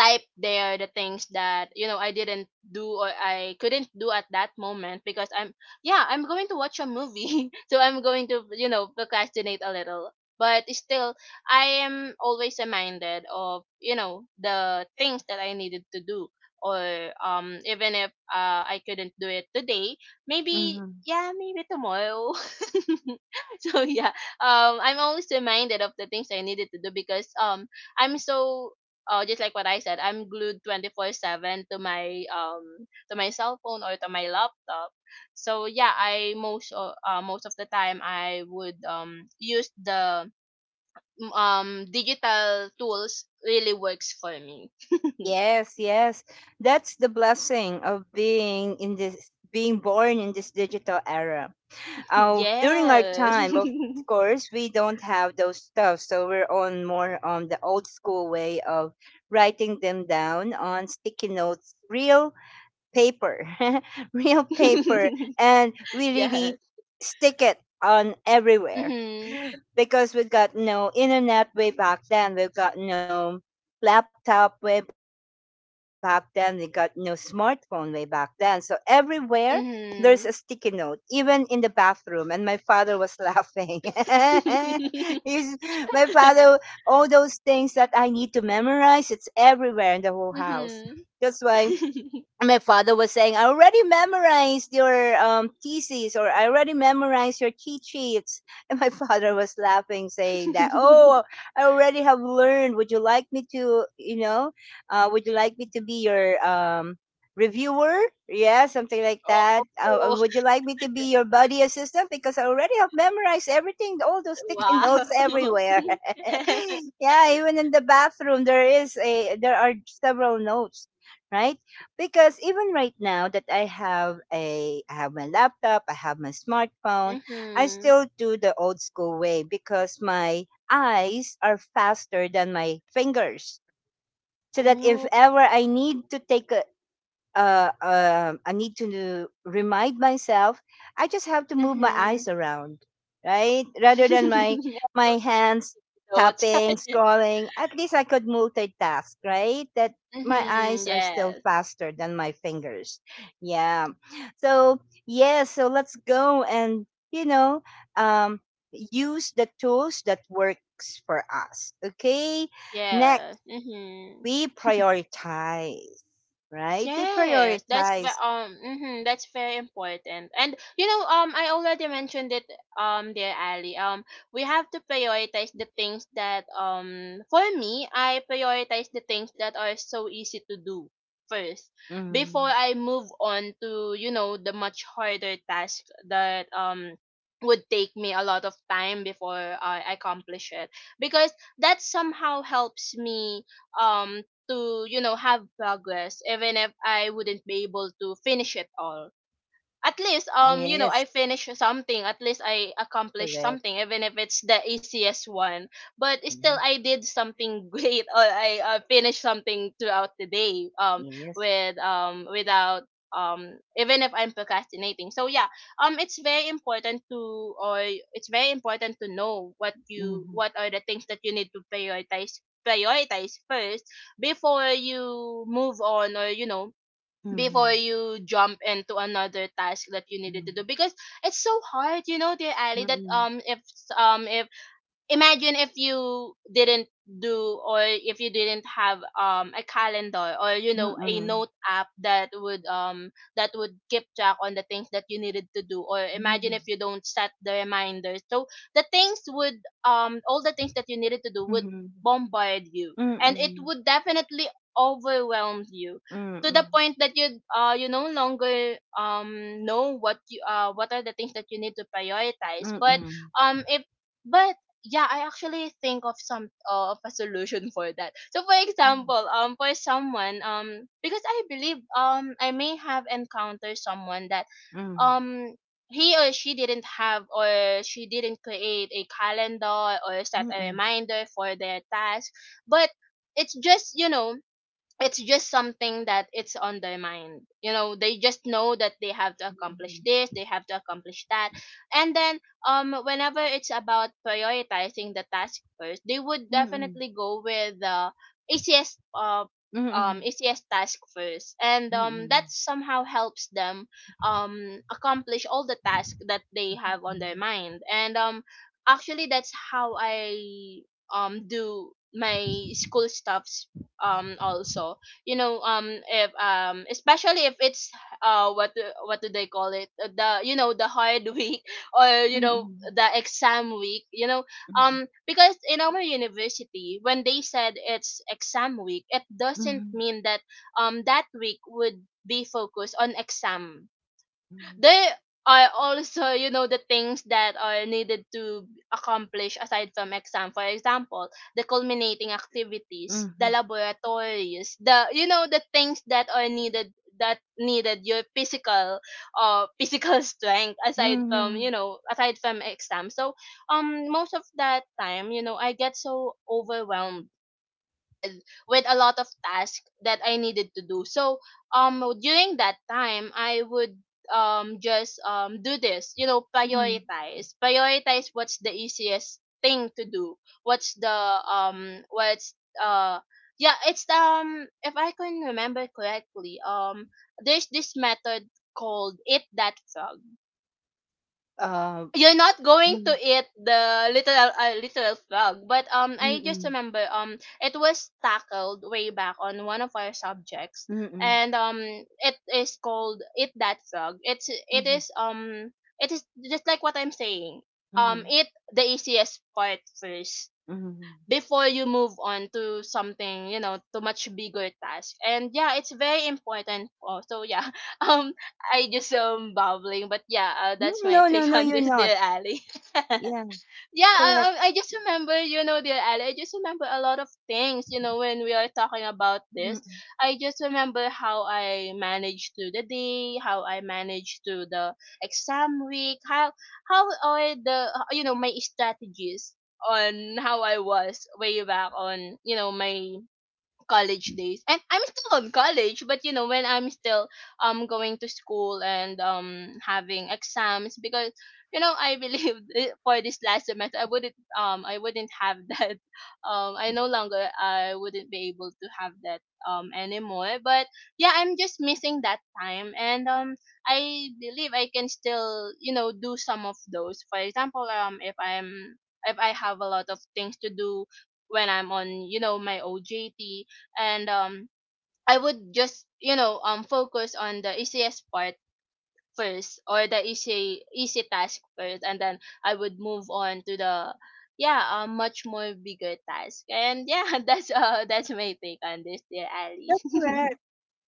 S2: type there the things that, you know, I didn't do or I couldn't do at that moment, because I'm yeah I'm going to watch a movie. So I'm going to, you know, procrastinate a little, but still I am always reminded of, you know, the things that I needed to do, or um even if uh, I couldn't do it today, maybe
S1: mhm.
S2: yeah maybe tomorrow. So yeah, um I'm always reminded of the things I needed to do, because um I'm so uh, just like what I said, I'm glued twenty-four seven to my um to my cell phone or to my laptop. So yeah, I most o- uh, most of the time I would um use the um digital tools, really works for me.
S1: Yes, yes. That's the blessing of being in this being born in this digital era. Uh, during our
S2: Yes.
S1: time, of course, we don't have those stuff, so we're on more on the old school way of writing them down on sticky notes, real paper, real paper, and we really
S2: Yes.
S1: stick it on everywhere
S2: Mhm.
S1: because we got no internet way back then. We've got no laptop way back then. We got no smartphone way back then. So everywhere there's a sticky note,
S2: Mhm.
S1: even in the bathroom. And my father was laughing. He's, my father, all those things that I need to memorize, it's everywhere in the whole house. That's
S2: Mhm.
S1: why my father was saying, I already memorized your um, thesis, or I already memorized your cheat sheets. And my father was laughing, saying that, "Oh, I already have learned. Would you like me to, you know, uh, would you like me to be your um, reviewer? Yeah, something like that. Uh, uh,
S2: Oh.
S1: would you like me to be your buddy assistant? Because I already have memorized everything, all those sticky notes
S2: Wow.
S1: everywhere." Yeah, even in the bathroom, there is a, there are several notes, right? Because even right now that I have a I have my laptop, I have my smartphone, I
S2: Mm-hmm.
S1: still do the old school way because my eyes are faster than my fingers. So that if
S2: Oh.
S1: ever I need to take a, uh, um, I need to remind myself. I just have to move my
S2: Mm-hmm.
S1: eyes around, right? Rather than my my hands
S2: I took
S1: tapping,
S2: note.
S1: scrolling. At least I could multitask, right? That my
S2: Mm-hmm.
S1: eyes are still
S2: Yes.
S1: faster than my fingers. Yeah. So yeah. So let's go and you know, um, use the tools that works for us. Okay. Next
S2: Yeah. Mm-hmm.
S1: we prioritize, right? We
S2: Yes, that's ve-
S1: prioritize.
S2: um hmm that's very important. And you know, um I already mentioned it, um dear Ali. Um we have to prioritize the things that, um for me, I prioritize the things that are so easy to do first, before
S1: Mm,
S2: I move on to, you know, the much harder task that um would take me a lot of time before I accomplish it. Because that somehow helps me um to, you know, have progress. Even if I wouldn't be able to finish it all, at least, um you know, I
S1: yes,
S2: finish something, at least I accomplish
S1: correct.
S2: something, even if it's the easiest one. But still,
S1: Mhm,
S2: I did something great, or I uh, finished something throughout the day, um
S1: yes.
S2: with um without um even if I'm procrastinating. So yeah, um it's very important to or it's very important to know what you
S1: Hmm.
S2: what are the things that you need to prioritize prioritize first, before you move on, or you know, before
S1: Hmm.
S2: you jump into another task that you needed to
S1: Hmm.
S2: do. Because it's so hard, you know, dear Ali, that
S1: Hmm.
S2: um if um if imagine if you didn't do, or if you didn't have um a calendar, or you know, a
S1: Hmm.
S2: note app, that would um that would keep track on the things that you needed to do, or imagine
S1: Hmm.
S2: if you don't set the reminders. So the things would um all the things that you needed to do would
S1: Hmm.
S2: bombard you, and it would definitely overwhelm you, to the point that you uh you no longer um know what you uh what are the things that you need to prioritize.
S1: Hmm. Hmm.
S2: but
S1: Hmm.
S2: um if but yeah, I actually think of some uh, of a solution for that. So for example, um for someone um because I believe um I may have encountered someone that
S1: Mm-hmm.
S2: um he or she didn't have or she didn't create a calendar or set a
S1: Mm-hmm.
S2: reminder for their task, but it's just you know it's just something that it's on their mind, you know they just know that they have to accomplish this, they have to accomplish that. And then um whenever it's about prioritizing the task first, they would definitely go with the easiest uh
S1: Mm-hmm.
S2: um easiest task first, and um
S1: Mm-hmm.
S2: that somehow helps them um accomplish all the tasks that they have on their
S1: Mm-hmm.
S2: mind. And um Actually, that's how I um do my school stuffs, um also, you know um if um especially if it's uh what do- what do they call it? Uh, the, you know the hard week, or you know
S1: Mm-hmm.
S2: the exam week, you know
S1: Mm-hmm.
S2: um because in our university, when they said it's exam week, it
S1: Mm-hmm. Mm-hmm.
S2: doesn't mean that um that week would be focused on exam. There are also, you know, the things that are needed to accomplish aside from exam. For example, the culminating
S1: Mm-hmm.
S2: activities, the
S1: Mm-hmm.
S2: laboratories, the, you know, the things that are needed, that needed your physical uh physical strength, aside from,
S1: Mm-hmm.
S2: you know, aside from exam. So um most of that time, you know, I get so overwhelmed with a lot of tasks that I needed to do. So um during that time, I would um just um do this, you know,
S1: Mm-hmm.
S2: prioritize. Prioritize what's the easiest thing to do. What's the um what's uh yeah, it's um if I can remember correctly, um there's this method called eat that frog.
S1: Uh,
S2: You're not going to
S1: mm,
S2: eat the little uh, little frog, but um I just
S1: mm-mm,
S2: remember um it was tackled way back on one of our subjects.
S1: mm-mm,
S2: And um It is called eat that frog. It's it
S1: Mhm,
S2: is um it is just like what I'm saying. Um
S1: mhm,
S2: eat the easiest part first
S1: mhm.
S2: before you move on to something, you know, to much bigger task. And yeah, it's very important also. Yeah, um I just um babbling, but yeah, uh, that's
S1: Mm,
S2: my
S1: No, no,
S2: take
S1: no,
S2: on
S1: you're
S2: this,
S1: not.
S2: dear Ali.
S1: Yeah,
S2: Yeah,
S1: correct.
S2: I, I I just remember, you know, dear Ali, I just remember a lot of things, you know, when we are talking about this.
S1: Mm,
S2: I just remember how I managed to the day, how I managed to the exam week, how how are the, you know, my strategies on how I was way back on, you know, my college days. And I'm still on college, but you know, when I'm still um going to school and um having exams, because you know, I believe for this last semester, I wouldn't um I wouldn't have that. um I no longer, I wouldn't be able to have that um anymore. But yeah, I'm just missing that time. And um I believe I can still, you know, do some of those. For example, um if I'm if I have a lot of things to do when I'm on, you know, my OJT, and um I would just, you know, um focus on the easiest part first, or the easy easy task first, and then I would move on to the, yeah, um much more bigger task. And yeah, that's uh that's my take on this, dear Ali.
S1: That's correct.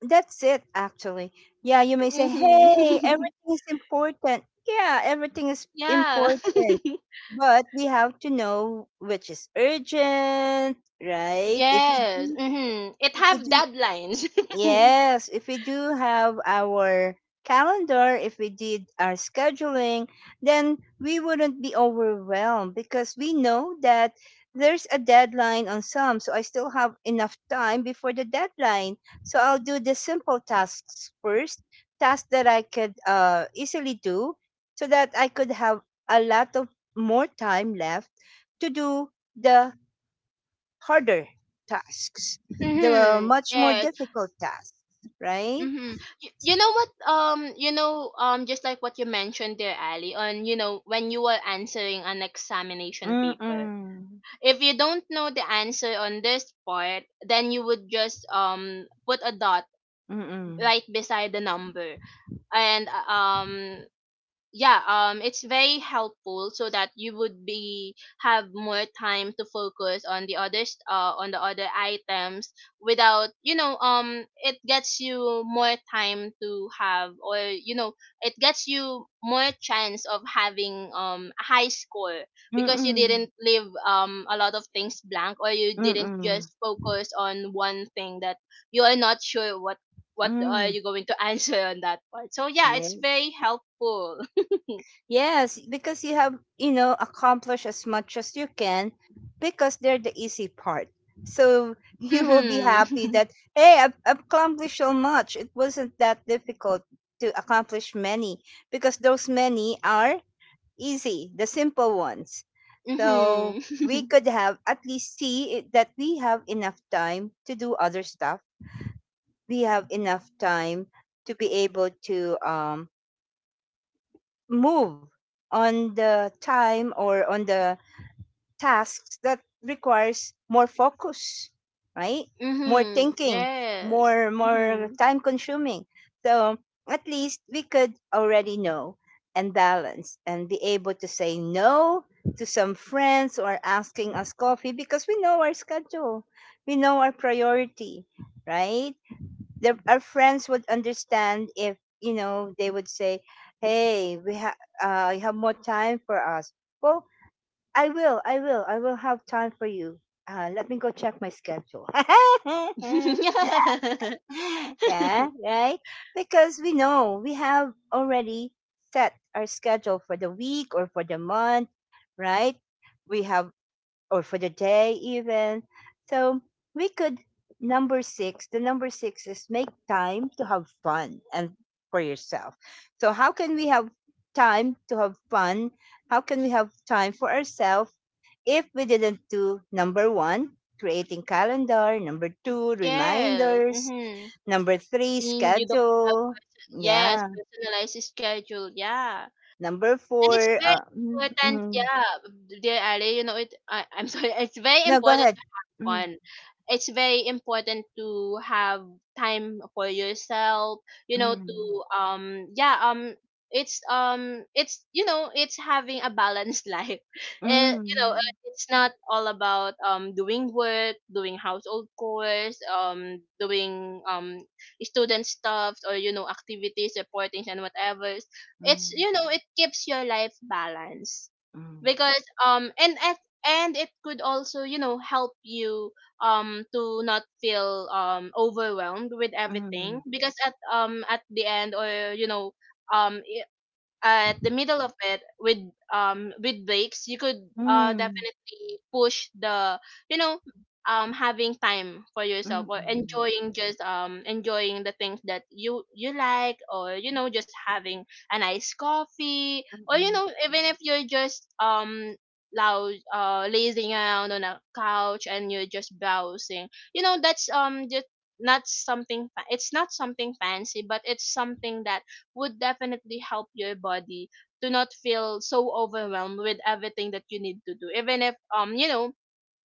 S1: That's it, actually. Yeah, you may say, hey,
S2: Mm-hmm.
S1: everything is important. Yeah, everything is
S2: Yeah.
S1: important. But we have to know which is urgent, right? If you
S2: Yes,
S1: do,
S2: mm-hmm, it
S1: if you
S2: have
S1: do
S2: deadlines.
S1: yes, if we do have our calendar, if we did our scheduling, then we wouldn't be overwhelmed because we know that there's a deadline on some. So I still have enough time before the deadline. So I'll do the simple tasks first, tasks that I could uh, easily do so that I could have a lot of more time left to do the harder tasks, the
S2: Mm-hmm.
S1: much more
S2: Yes.
S1: difficult tasks, right?
S2: Mm-hmm. You, you know what? Um, you know, um, just like what you mentioned there, Ali, on, you know, when you were answering an examination paper,
S1: Mm-mm.
S2: if you don't know the answer on this part, then you would just um put a dot
S1: Mm-mm.
S2: right beside the number, and uh, um yeah, um it's very helpful, so that you would be have more time to focus on the others, uh on the other items, without, you know, um it gets you more time to have, or you know, it gets you more chance of having um a high score, because you
S1: Mm-mm.
S2: didn't leave um a lot of things blank, or you didn't
S1: Mm-mm.
S2: just focus on one thing that you are not sure what what are
S1: Mm.
S2: you going to answer on that part. So yeah, it's
S1: Yes.
S2: very helpful.
S1: Yes, because you have, you know, accomplished as much as you can because they're the easy part. So you will be
S2: Mhm,
S1: happy
S2: mhm,
S1: that, hey, I've I've accomplished so much. It wasn't that difficult to accomplish many because those many are easy, the simple ones. So we
S2: mhm.
S1: could have at least see it, that we have enough time to do other stuff. We have enough time to be able to um, move on the time or on the tasks that requires more focus, right? More thinking,
S2: Yes.
S1: more more
S2: Mhm.
S1: time consuming. So at least we could already know and balance and be able to say no to some friends or asking us coffee because we know our schedule. We know our priority, right? The, our friends would understand if, you know, they would say, hey, we have uh, you have more time for us. Well, I will. I will. I will have time for you. Uh, let me go check my schedule. Yeah, right? Because we know we have already set our schedule for the week or for the month, right? We have, or for the day even. So we could, number six, the number six is make time to have fun and for yourself. So, how can we have time to have fun? How can we have time for ourselves? If we didn't do number one, creating calendar, number two,
S2: Yes.
S1: reminders,
S2: Mhm.
S1: number three,
S2: And you don't have,
S1: schedule.
S2: yes,
S1: Yeah.
S2: personalized schedule. Yeah,
S1: Number
S2: and
S1: four,
S2: it's very
S1: uh, mm,
S2: important.
S1: mm.
S2: Yeah, dear Ali. You know it. I, I'm sorry. It's very
S1: No, go
S2: important
S1: ahead. Mm,
S2: on. It's very important to have time for yourself, you know, to
S1: mm,
S2: um yeah, um it's um it's, you know, it's having a balanced life. Eh, you know,
S1: mm,
S2: uh, it's not all about um doing work, doing household chores, um doing um student stuff, or you know, activities, reportings, and whatever. It's,
S1: mm,
S2: you know, it keeps your life balanced,
S1: mm,
S2: because um and as and it could also, you know, help you um to not feel um overwhelmed with everything,
S1: mm,
S2: because at um at the end, or you know, um at the middle of it, with um with breaks, you could uh
S1: mm,
S2: definitely push the, you know, um having time for
S1: mm,
S2: yourself,
S1: mm,
S2: or
S1: mm,
S2: enjoying just um enjoying the things that you you like, or you know, just having a nice coffee, or you
S1: mm,
S2: know, even if you're just um loud uh lazing around on a couch and you're just browsing, you know. That's um just not something fa- it's not something fancy, but it's something that would definitely help your body to not feel so overwhelmed with everything that you need to do, even if um you know,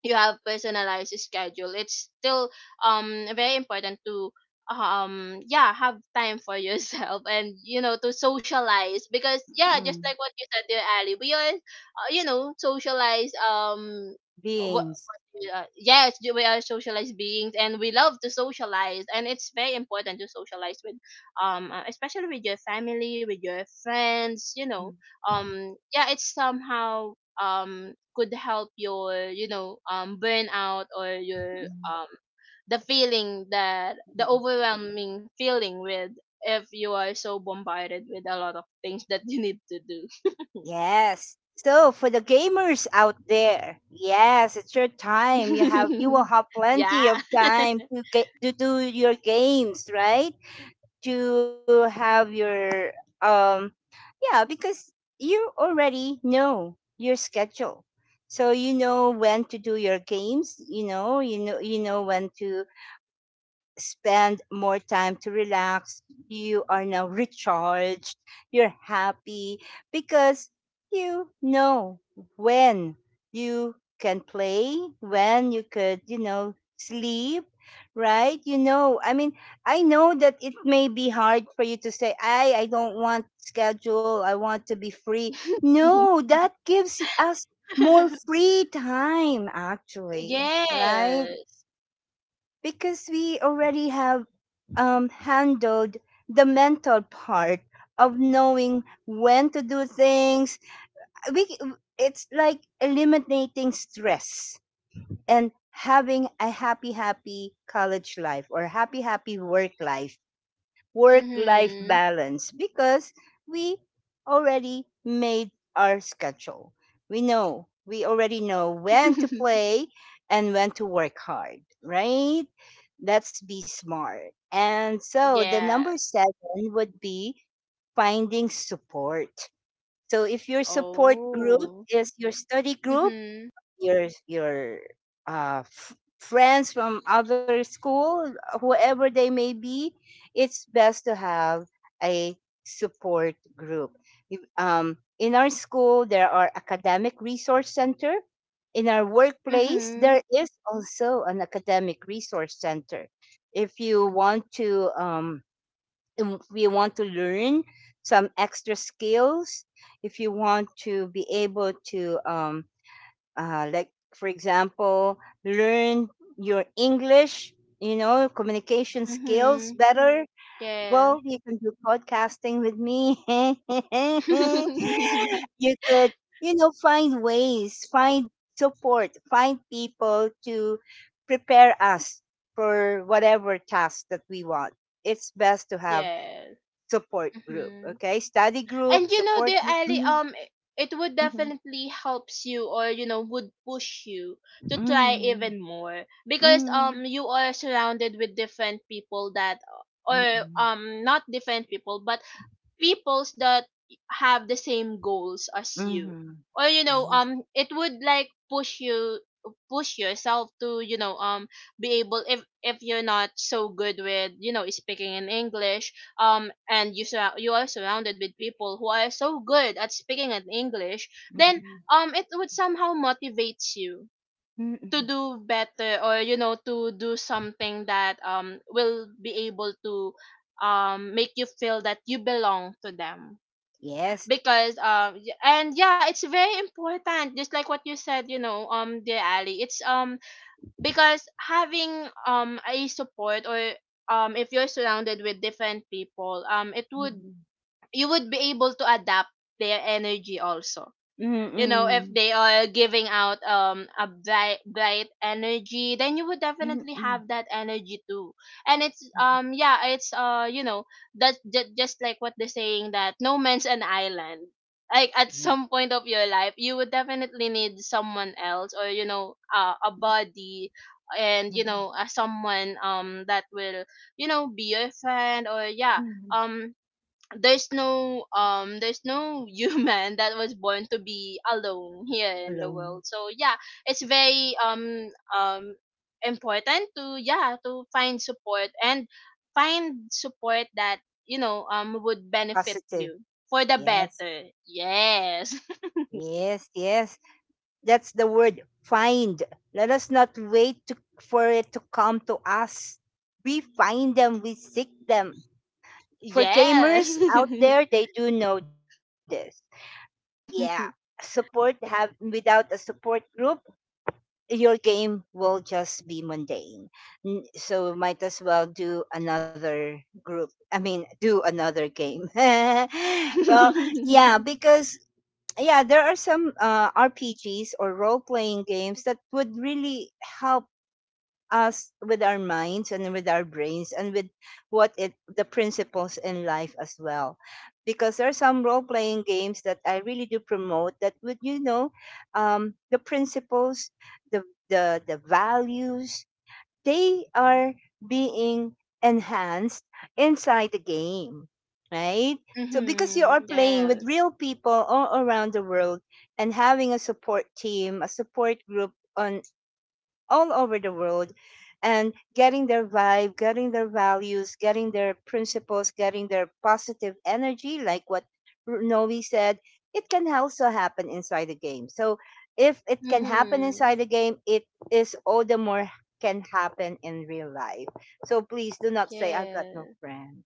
S2: you have personalized schedule, it's still um very important to um yeah, have time for yourself, and you know, to socialize, because yeah, just
S1: mm.
S2: like what you said there, Ali, we are, uh, you know, socialize, um
S1: Beings.
S2: yeah, yes, you- we are socialized beings, and we love to socialize, and it's very important to socialize with, um, uh, especially with your family, with your friends. You know,
S1: Mm,
S2: um, yeah, it's somehow um could help your, you know, um burnout, or your
S1: mm,
S2: um the feeling, that the overwhelming feeling with, if you are so bombarded with a lot of things that you need to do.
S1: Yes. So for the gamers out there, yes, it's your time. You have you will have plenty
S2: Yeah.
S1: of time to get to do your games, right? To have your um yeah, because you already know your schedule. So you know when to do your games, you know, you know you know when to spend more time to relax. You are now recharged. You're happy because you know when you can play, when you could, you know, sleep, right? You know, I mean, I know that it may be hard for you to say, I, I don't want schedule. I want to be free. No, that gives us more free time, actually, right?
S2: Yes.
S1: Because we already have um, handled the mental part of knowing when to do things we it's like eliminating stress and having a happy happy college life or happy happy work life work life
S2: Mhm.
S1: balance because we already made our schedule. We know, we already know when to play and when to work hard, right? Let's be smart. And so the number
S2: Yes.
S1: seven would be finding support. So if your support group
S2: Oh.
S1: is your study group,
S2: Mhm.
S1: your your uh, f- friends from other school, whoever they may be, it's best to have a support group. You- Um, in our school, there are academic resource center. In our workplace, there
S2: Mhm.
S1: is also an academic resource center. If you want to, um, if you want to learn some extra skills, if you want to be able to um, uh, like for example learn your English you know communication skills
S2: Mhm.
S1: better, well
S2: Yes.
S1: you can do podcasting with me. You could you know find ways, find support, find people to prepare us for whatever task that we want. It's best to have
S2: Yes.
S1: support group.
S2: Mhm.
S1: Okay, study
S2: And
S1: group,
S2: you know,
S1: support
S2: dear
S1: group.
S2: Ali,
S1: Mhm,
S2: um, i- it would
S1: mhm,
S2: definitely helps you, or you know, would push you to try even more,
S1: mhm,
S2: because um,
S1: mhm,
S2: you are surrounded with different people that, or
S1: mhm.
S2: um, not different people, but peoples that have the same goals as you,
S1: Mhm.
S2: or you know,
S1: Yes.
S2: um it would like push you, push yourself to, you know, um be able, if if you're not so good with, you know, speaking in English, um and you sur- you are surrounded with people who are so good at speaking in English, then
S1: Mhm.
S2: um it would somehow motivates you to
S1: Mm.
S2: do better, or you know, to do something that um will be able to um make you feel that you belong to them,
S1: Yes.
S2: because um y- and yeah, it's very important, just like what you said, you know, um dear Ali, it's um because having um a support, or um if you're surrounded with different people, um it would,
S1: Mhm.
S2: you would be able to adapt their energy also, you know, if
S1: Mm.
S2: they are giving out um a bright bright energy, then you would definitely
S1: Mm.
S2: have that energy too. And it's
S1: Mhm.
S2: um yeah, it's uh you know, that's ju- just like what they're saying, that no man's an island. Like, at
S1: Yeah.
S2: some point of your life, you would definitely need someone else, or you know, uh, a body, and you know,
S1: Mhm.
S2: uh, someone um that will, you know, be your friend, or yeah,
S1: Mhm.
S2: um there's no um there's no human that was born to be alone here in the
S1: Alone.
S2: world. So yeah, it's very um um important to, yeah, to find support, and find support that, you know, um would benefit
S1: Positive.
S2: you for the
S1: Yes.
S2: better, yes.
S1: Yes, yes. That's the word find. Let us not wait to, for it to come to us. We find them, we seek them. For
S2: Yes.
S1: gamers out there, they do know this. Yeah. Support have without a support group, your game will just be mundane. N- So might as well do another group. I mean, do another game. Well, yeah, because yeah, there are some uh, R P Gs or role playing games that would really help us with our minds and with our brains and with what it the principles in life as well because there are some role playing games that I really do promote that would you know um, the principles, the, the the values, they are being enhanced inside the game, right? So because you are
S2: Mhm,
S1: playing with
S2: yes.
S1: real people all around the world and having a support team, a support group on all over the world and getting their vibe, getting their values, getting their principles, getting their positive energy, like what R- Noe said, it can also happen inside the game. So if it can happen
S2: Mhm.
S1: inside the game, it is all the more can happen in real life. So please do not say, I've got no
S2: Yes.
S1: friends.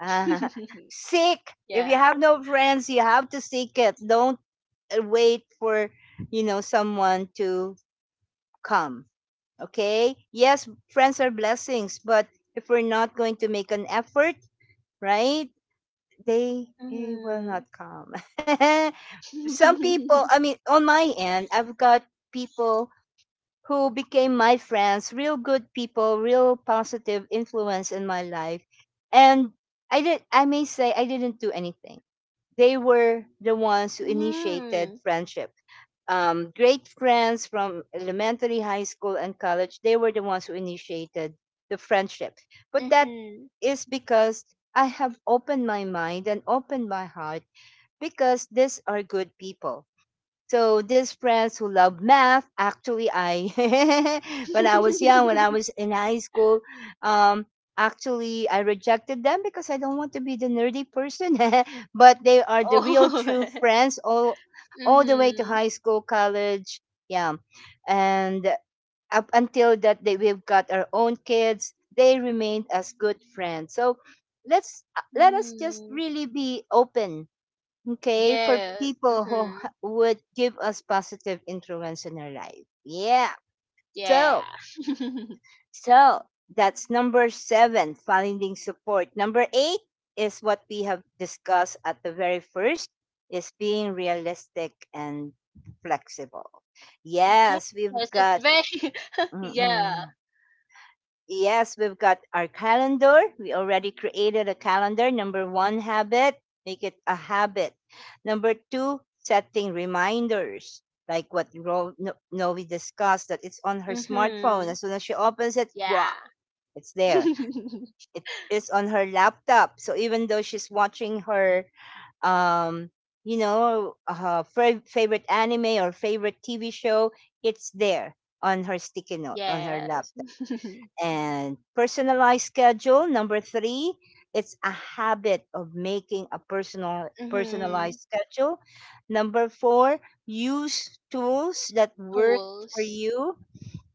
S1: Ah, seek. If you
S2: Yeah.
S1: have no friends, you have to seek it. Don't uh, wait for, you know, someone to come. Okay. Yes, friends are blessings, but if we're not going to make an effort, right, they, they will
S2: Mhm.
S1: not come. Some people,
S2: Mm.
S1: I mean, on my end, I've got people who became my friends, real good people, real positive influence in my life. And I did, I may say I didn't do anything. They were the ones who initiated friendship, um, great friends from elementary, high school, and college. They were the ones who initiated the friendship. But that
S2: Mhm.
S1: is because I have opened my mind and opened my heart because these are good people, so these friends who love math, actually, I when I was young, when I was in high school, um, actually I rejected them because I don't want to be the nerdy person. But they are the real
S2: Oh.
S1: true friends all all the way to
S2: Mhm.
S1: high school, college, yeah, and up until that they we've got our own kids, they remained as good friends. So let's uh, let us just
S2: Mm.
S1: really be open. Okay, for
S2: Yes.
S1: people who h-
S2: Mhm.
S1: would give us positive influence in our life. Yeah.
S2: Yeah.
S1: So, so that's number seven, finding support. Number eight is what we have discussed at the very first, is being realistic and flexible. Yes, we've
S2: Yes, it's
S1: got.
S2: very yeah.
S1: Mm-mm. Yes, we've got our calendar. We already created a calendar. Number one, habit. Make it a habit. Number two, setting reminders. Like what Ro- no, no, we discussed, that it's on her smartphone.
S2: Mhm.
S1: As soon as she opens it, wow,
S2: Yeah.
S1: it's there. It is on her laptop. So even though she's watching her, um, you know, uh, fa- favorite anime or favorite T V show, it's there on her sticky note, on her
S2: Yes.
S1: laptop. And personalized schedule number three, it's a habit of making a personal
S2: Mhm.
S1: personalized schedule. Number four, use tools that work for
S2: Tools.
S1: you.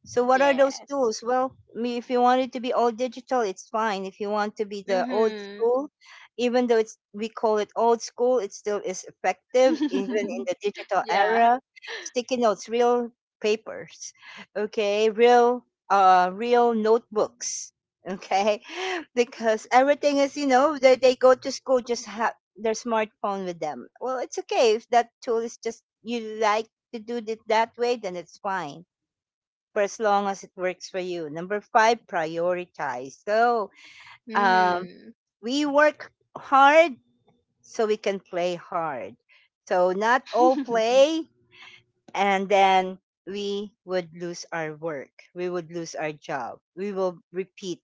S1: So what are those
S2: Yes.
S1: tools? Well, me- if you want it to be all digital, it's fine. If you want to be the old
S2: Mhm.
S1: school, even though it's we call it old school, it still is effective even in the digital
S2: Yeah.
S1: era. Sticky notes, real papers, okay, real uh real notebooks, okay, because everything is you know they they go to school just have their smartphone with them. Well, it's okay if that tool is just you like to do it that way, then it's fine for as long as it works for you. Number five, prioritize. So um,
S2: Mhm.
S1: we work hard so we can play hard. So not all play and then we would lose our work. We would lose our job. We will repeat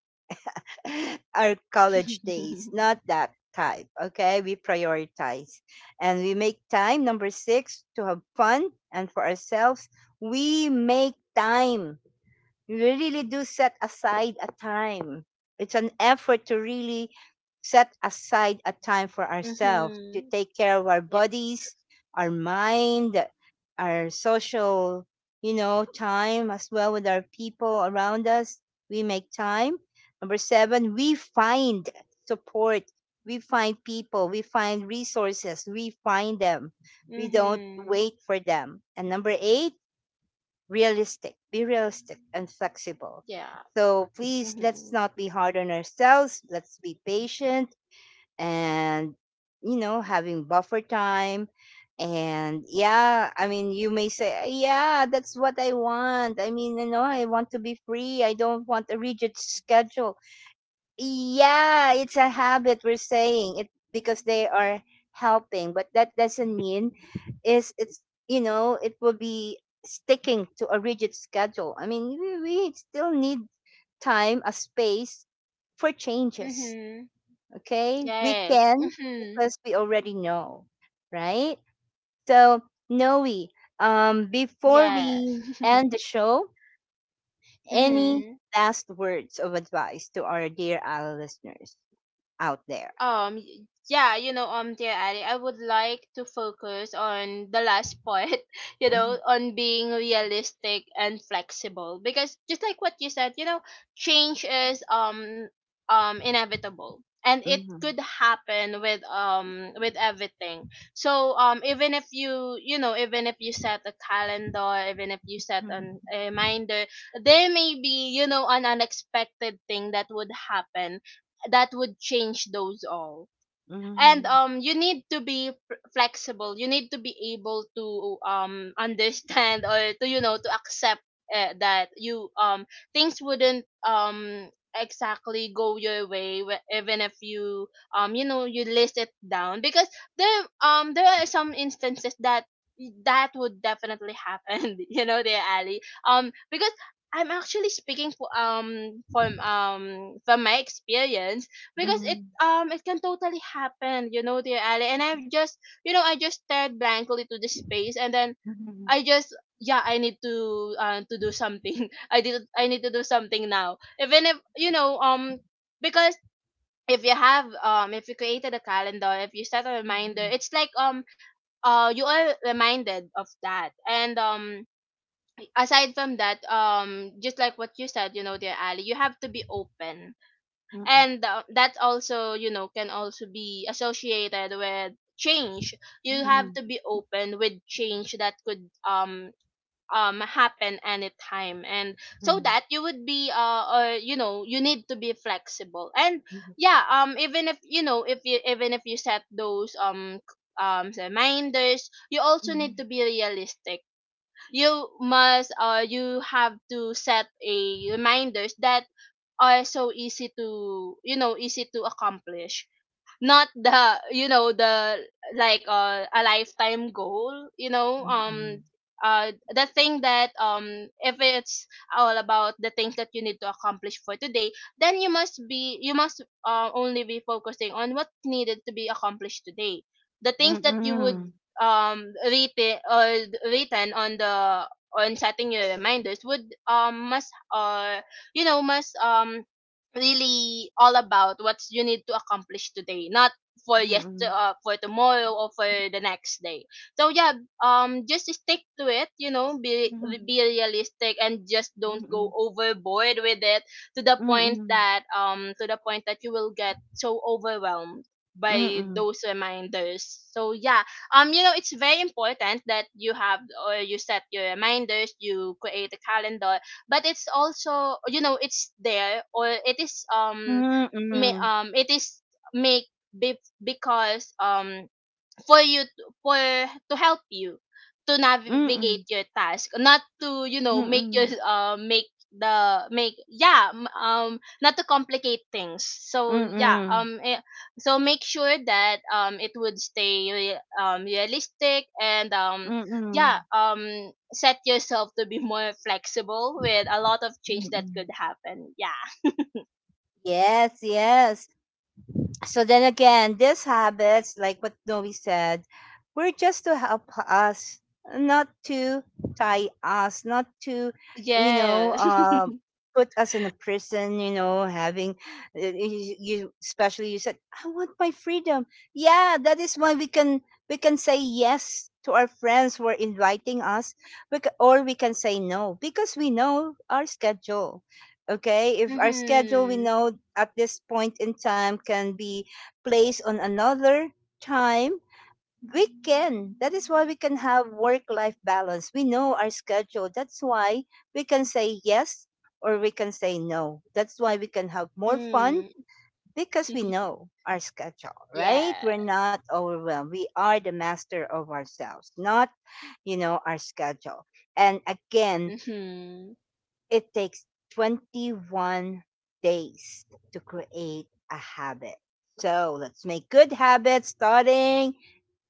S1: our college days. Not that type. Okay. We prioritize and we make time. Number six, to have fun and for ourselves. We make time you really do set aside a time. It's an effort to really set aside a time for ourselves to
S2: Mhm.
S1: take care of our bodies, our mind, our social, you know, time as well with our people around us. We make time. Number seven, we find support. We find people. We find resources. We find them. We don't
S2: Mhm.
S1: wait for them. And number eight, realistic. Be realistic and flexible.
S2: Yeah.
S1: So please, let's
S2: Mhm.
S1: not be hard on ourselves. Let's be patient and, you know, having buffer time. And yeah, I mean, you may say, yeah, that's what I want. I mean, you know, I want to be free. I don't want a rigid schedule. Yeah, it's a habit we're saying it because they are helping, but that doesn't mean is it's you know it will be sticking to a rigid schedule. I mean, we, we still need time, a space for changes.
S2: Mhm.
S1: Okay, we
S2: Yes.
S1: can
S2: Mhm.
S1: because we already know, right? So, Noe, um, before
S2: Yes.
S1: we end the show, any
S2: Mhm.
S1: last words of advice to our dear our listeners out there?
S2: Um, y- yeah, you know, um, dear Ali, I would like to focus on the last part, you
S1: Mhm,
S2: know, on being realistic and flexible, because just like what you said, you know, change is um um inevitable, and it
S1: mhm,
S2: could happen with, um with everything. So um even if you, you know, even if you set a calendar, even if you set an,
S1: mhm,
S2: a reminder, there may be, you know, an unexpected thing that would happen, that would change those all. And
S1: mhm,
S2: um You need to be f- flexible, you need to be able to um understand, or to, you know, to accept uh, that you um things wouldn't um exactly go your way, wh- even if you um you know, you list it down, because there um there are some instances that that would definitely happen. You know, there, Ali, um because I'm actually speaking for um from um from my experience, because it
S1: mhm,
S2: um it can totally happen, you know, dear Ali. And I've just, you know, I just stared blankly to the space, and then
S1: mhm, mhm, mhm,
S2: I just, yeah, I need to, uh, to do something. I did I need to do something now. Even if, you know, um because if you have um if you created a calendar, if you set a reminder, it's like um uh you are reminded of that. And um aside from that, um just like what you said, you know, dear Ali, you have to be open,
S1: mhm, mhm, mhm,
S2: and uh, that also, you know, can also be associated with change.
S1: mhm,
S2: You
S1: mhm, mhm, mhm, mhm, mhm,
S2: have to
S1: mhm,
S2: be open with change that could um um happen anytime, and so that you would be, uh or you know, you need to be flexible, and
S1: mhm,
S2: yeah, um even if, you know, if you, even if you set those um c- um reminders, you also need to be realistic. You must, uh you have to set a reminders that are so easy to, you know, easy to accomplish, not the, you know, the like, uh, a lifetime goal, you know,
S1: mhm, mhm,
S2: um uh the thing that um if it's all about the things that you need to accomplish for today, then you must be, you must, uh, only be focusing on what needed to be accomplished today. The things that you would um written, or written on the, on setting your reminders, would um must uh you know, must um really all about what you need to accomplish today, not for, yes, uh, for tomorrow, or for the next day. So yeah, um, just stick to it. You know, be be realistic and just don't
S1: mhm,
S2: go
S1: mhm,
S2: overboard with it, to the point that um to the point that you will get so overwhelmed by those reminders. So yeah, um, you know, it's very important that you have, or you set your reminders, you create a calendar, but it's also, you know, it's there, or it is um may, um it is make be, because um for you to, for to help you to navigate your task, not to, you know, make your uh make the make yeah m- um not to complicate things. So yeah, um eh, so make sure that um it would stay re- um realistic and um
S1: mhm,
S2: yeah, um set yourself to be more flexible with a lot of change that
S1: mhm.
S2: could happen, yeah.
S1: Yes, yes. So then again, these habits, like what Noe said, were just to help us, not to tie us, not to, you know,
S2: Yes.
S1: uh, put us in a prison, you know, having, uh, you, you, especially you said, I want my freedom. Yeah, that is why we can, we can say yes to our friends who are inviting us, we ca- or we can say no because we know our schedule. Okay, if our schedule we
S2: Mhm.
S1: know at this point in time can be placed on another time we can that is why we can have work life balance we know our schedule that's why we can say yes or we can say no that's why we can have more fun
S2: Mm.
S1: because we know our schedule right
S2: Yeah.
S1: we're not overwhelmed we are the master of ourselves not you know our schedule. And again,
S2: Mhm.
S1: it takes twenty-one days to create a habit. So let's make good habits starting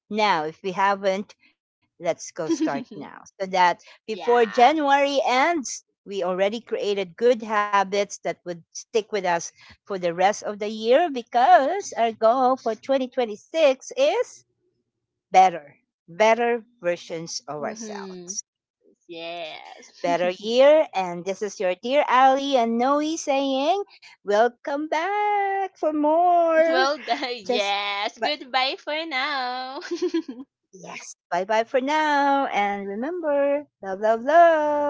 S1: now. If we haven't, let's go start now so that before
S2: Yeah.
S1: January ends, we already created good habits that would stick with us for the rest of the year because our goal for twenty twenty-six is better, better versions of ourselves.
S2: Mhm.
S1: Better year,
S2: Yes.
S1: and this is your dear Ali and Noe saying, "Welcome back for more." Just,
S2: Well,
S1: but
S2: yes, goodbye for now.
S1: yes, bye bye for now, and remember, love, love, love.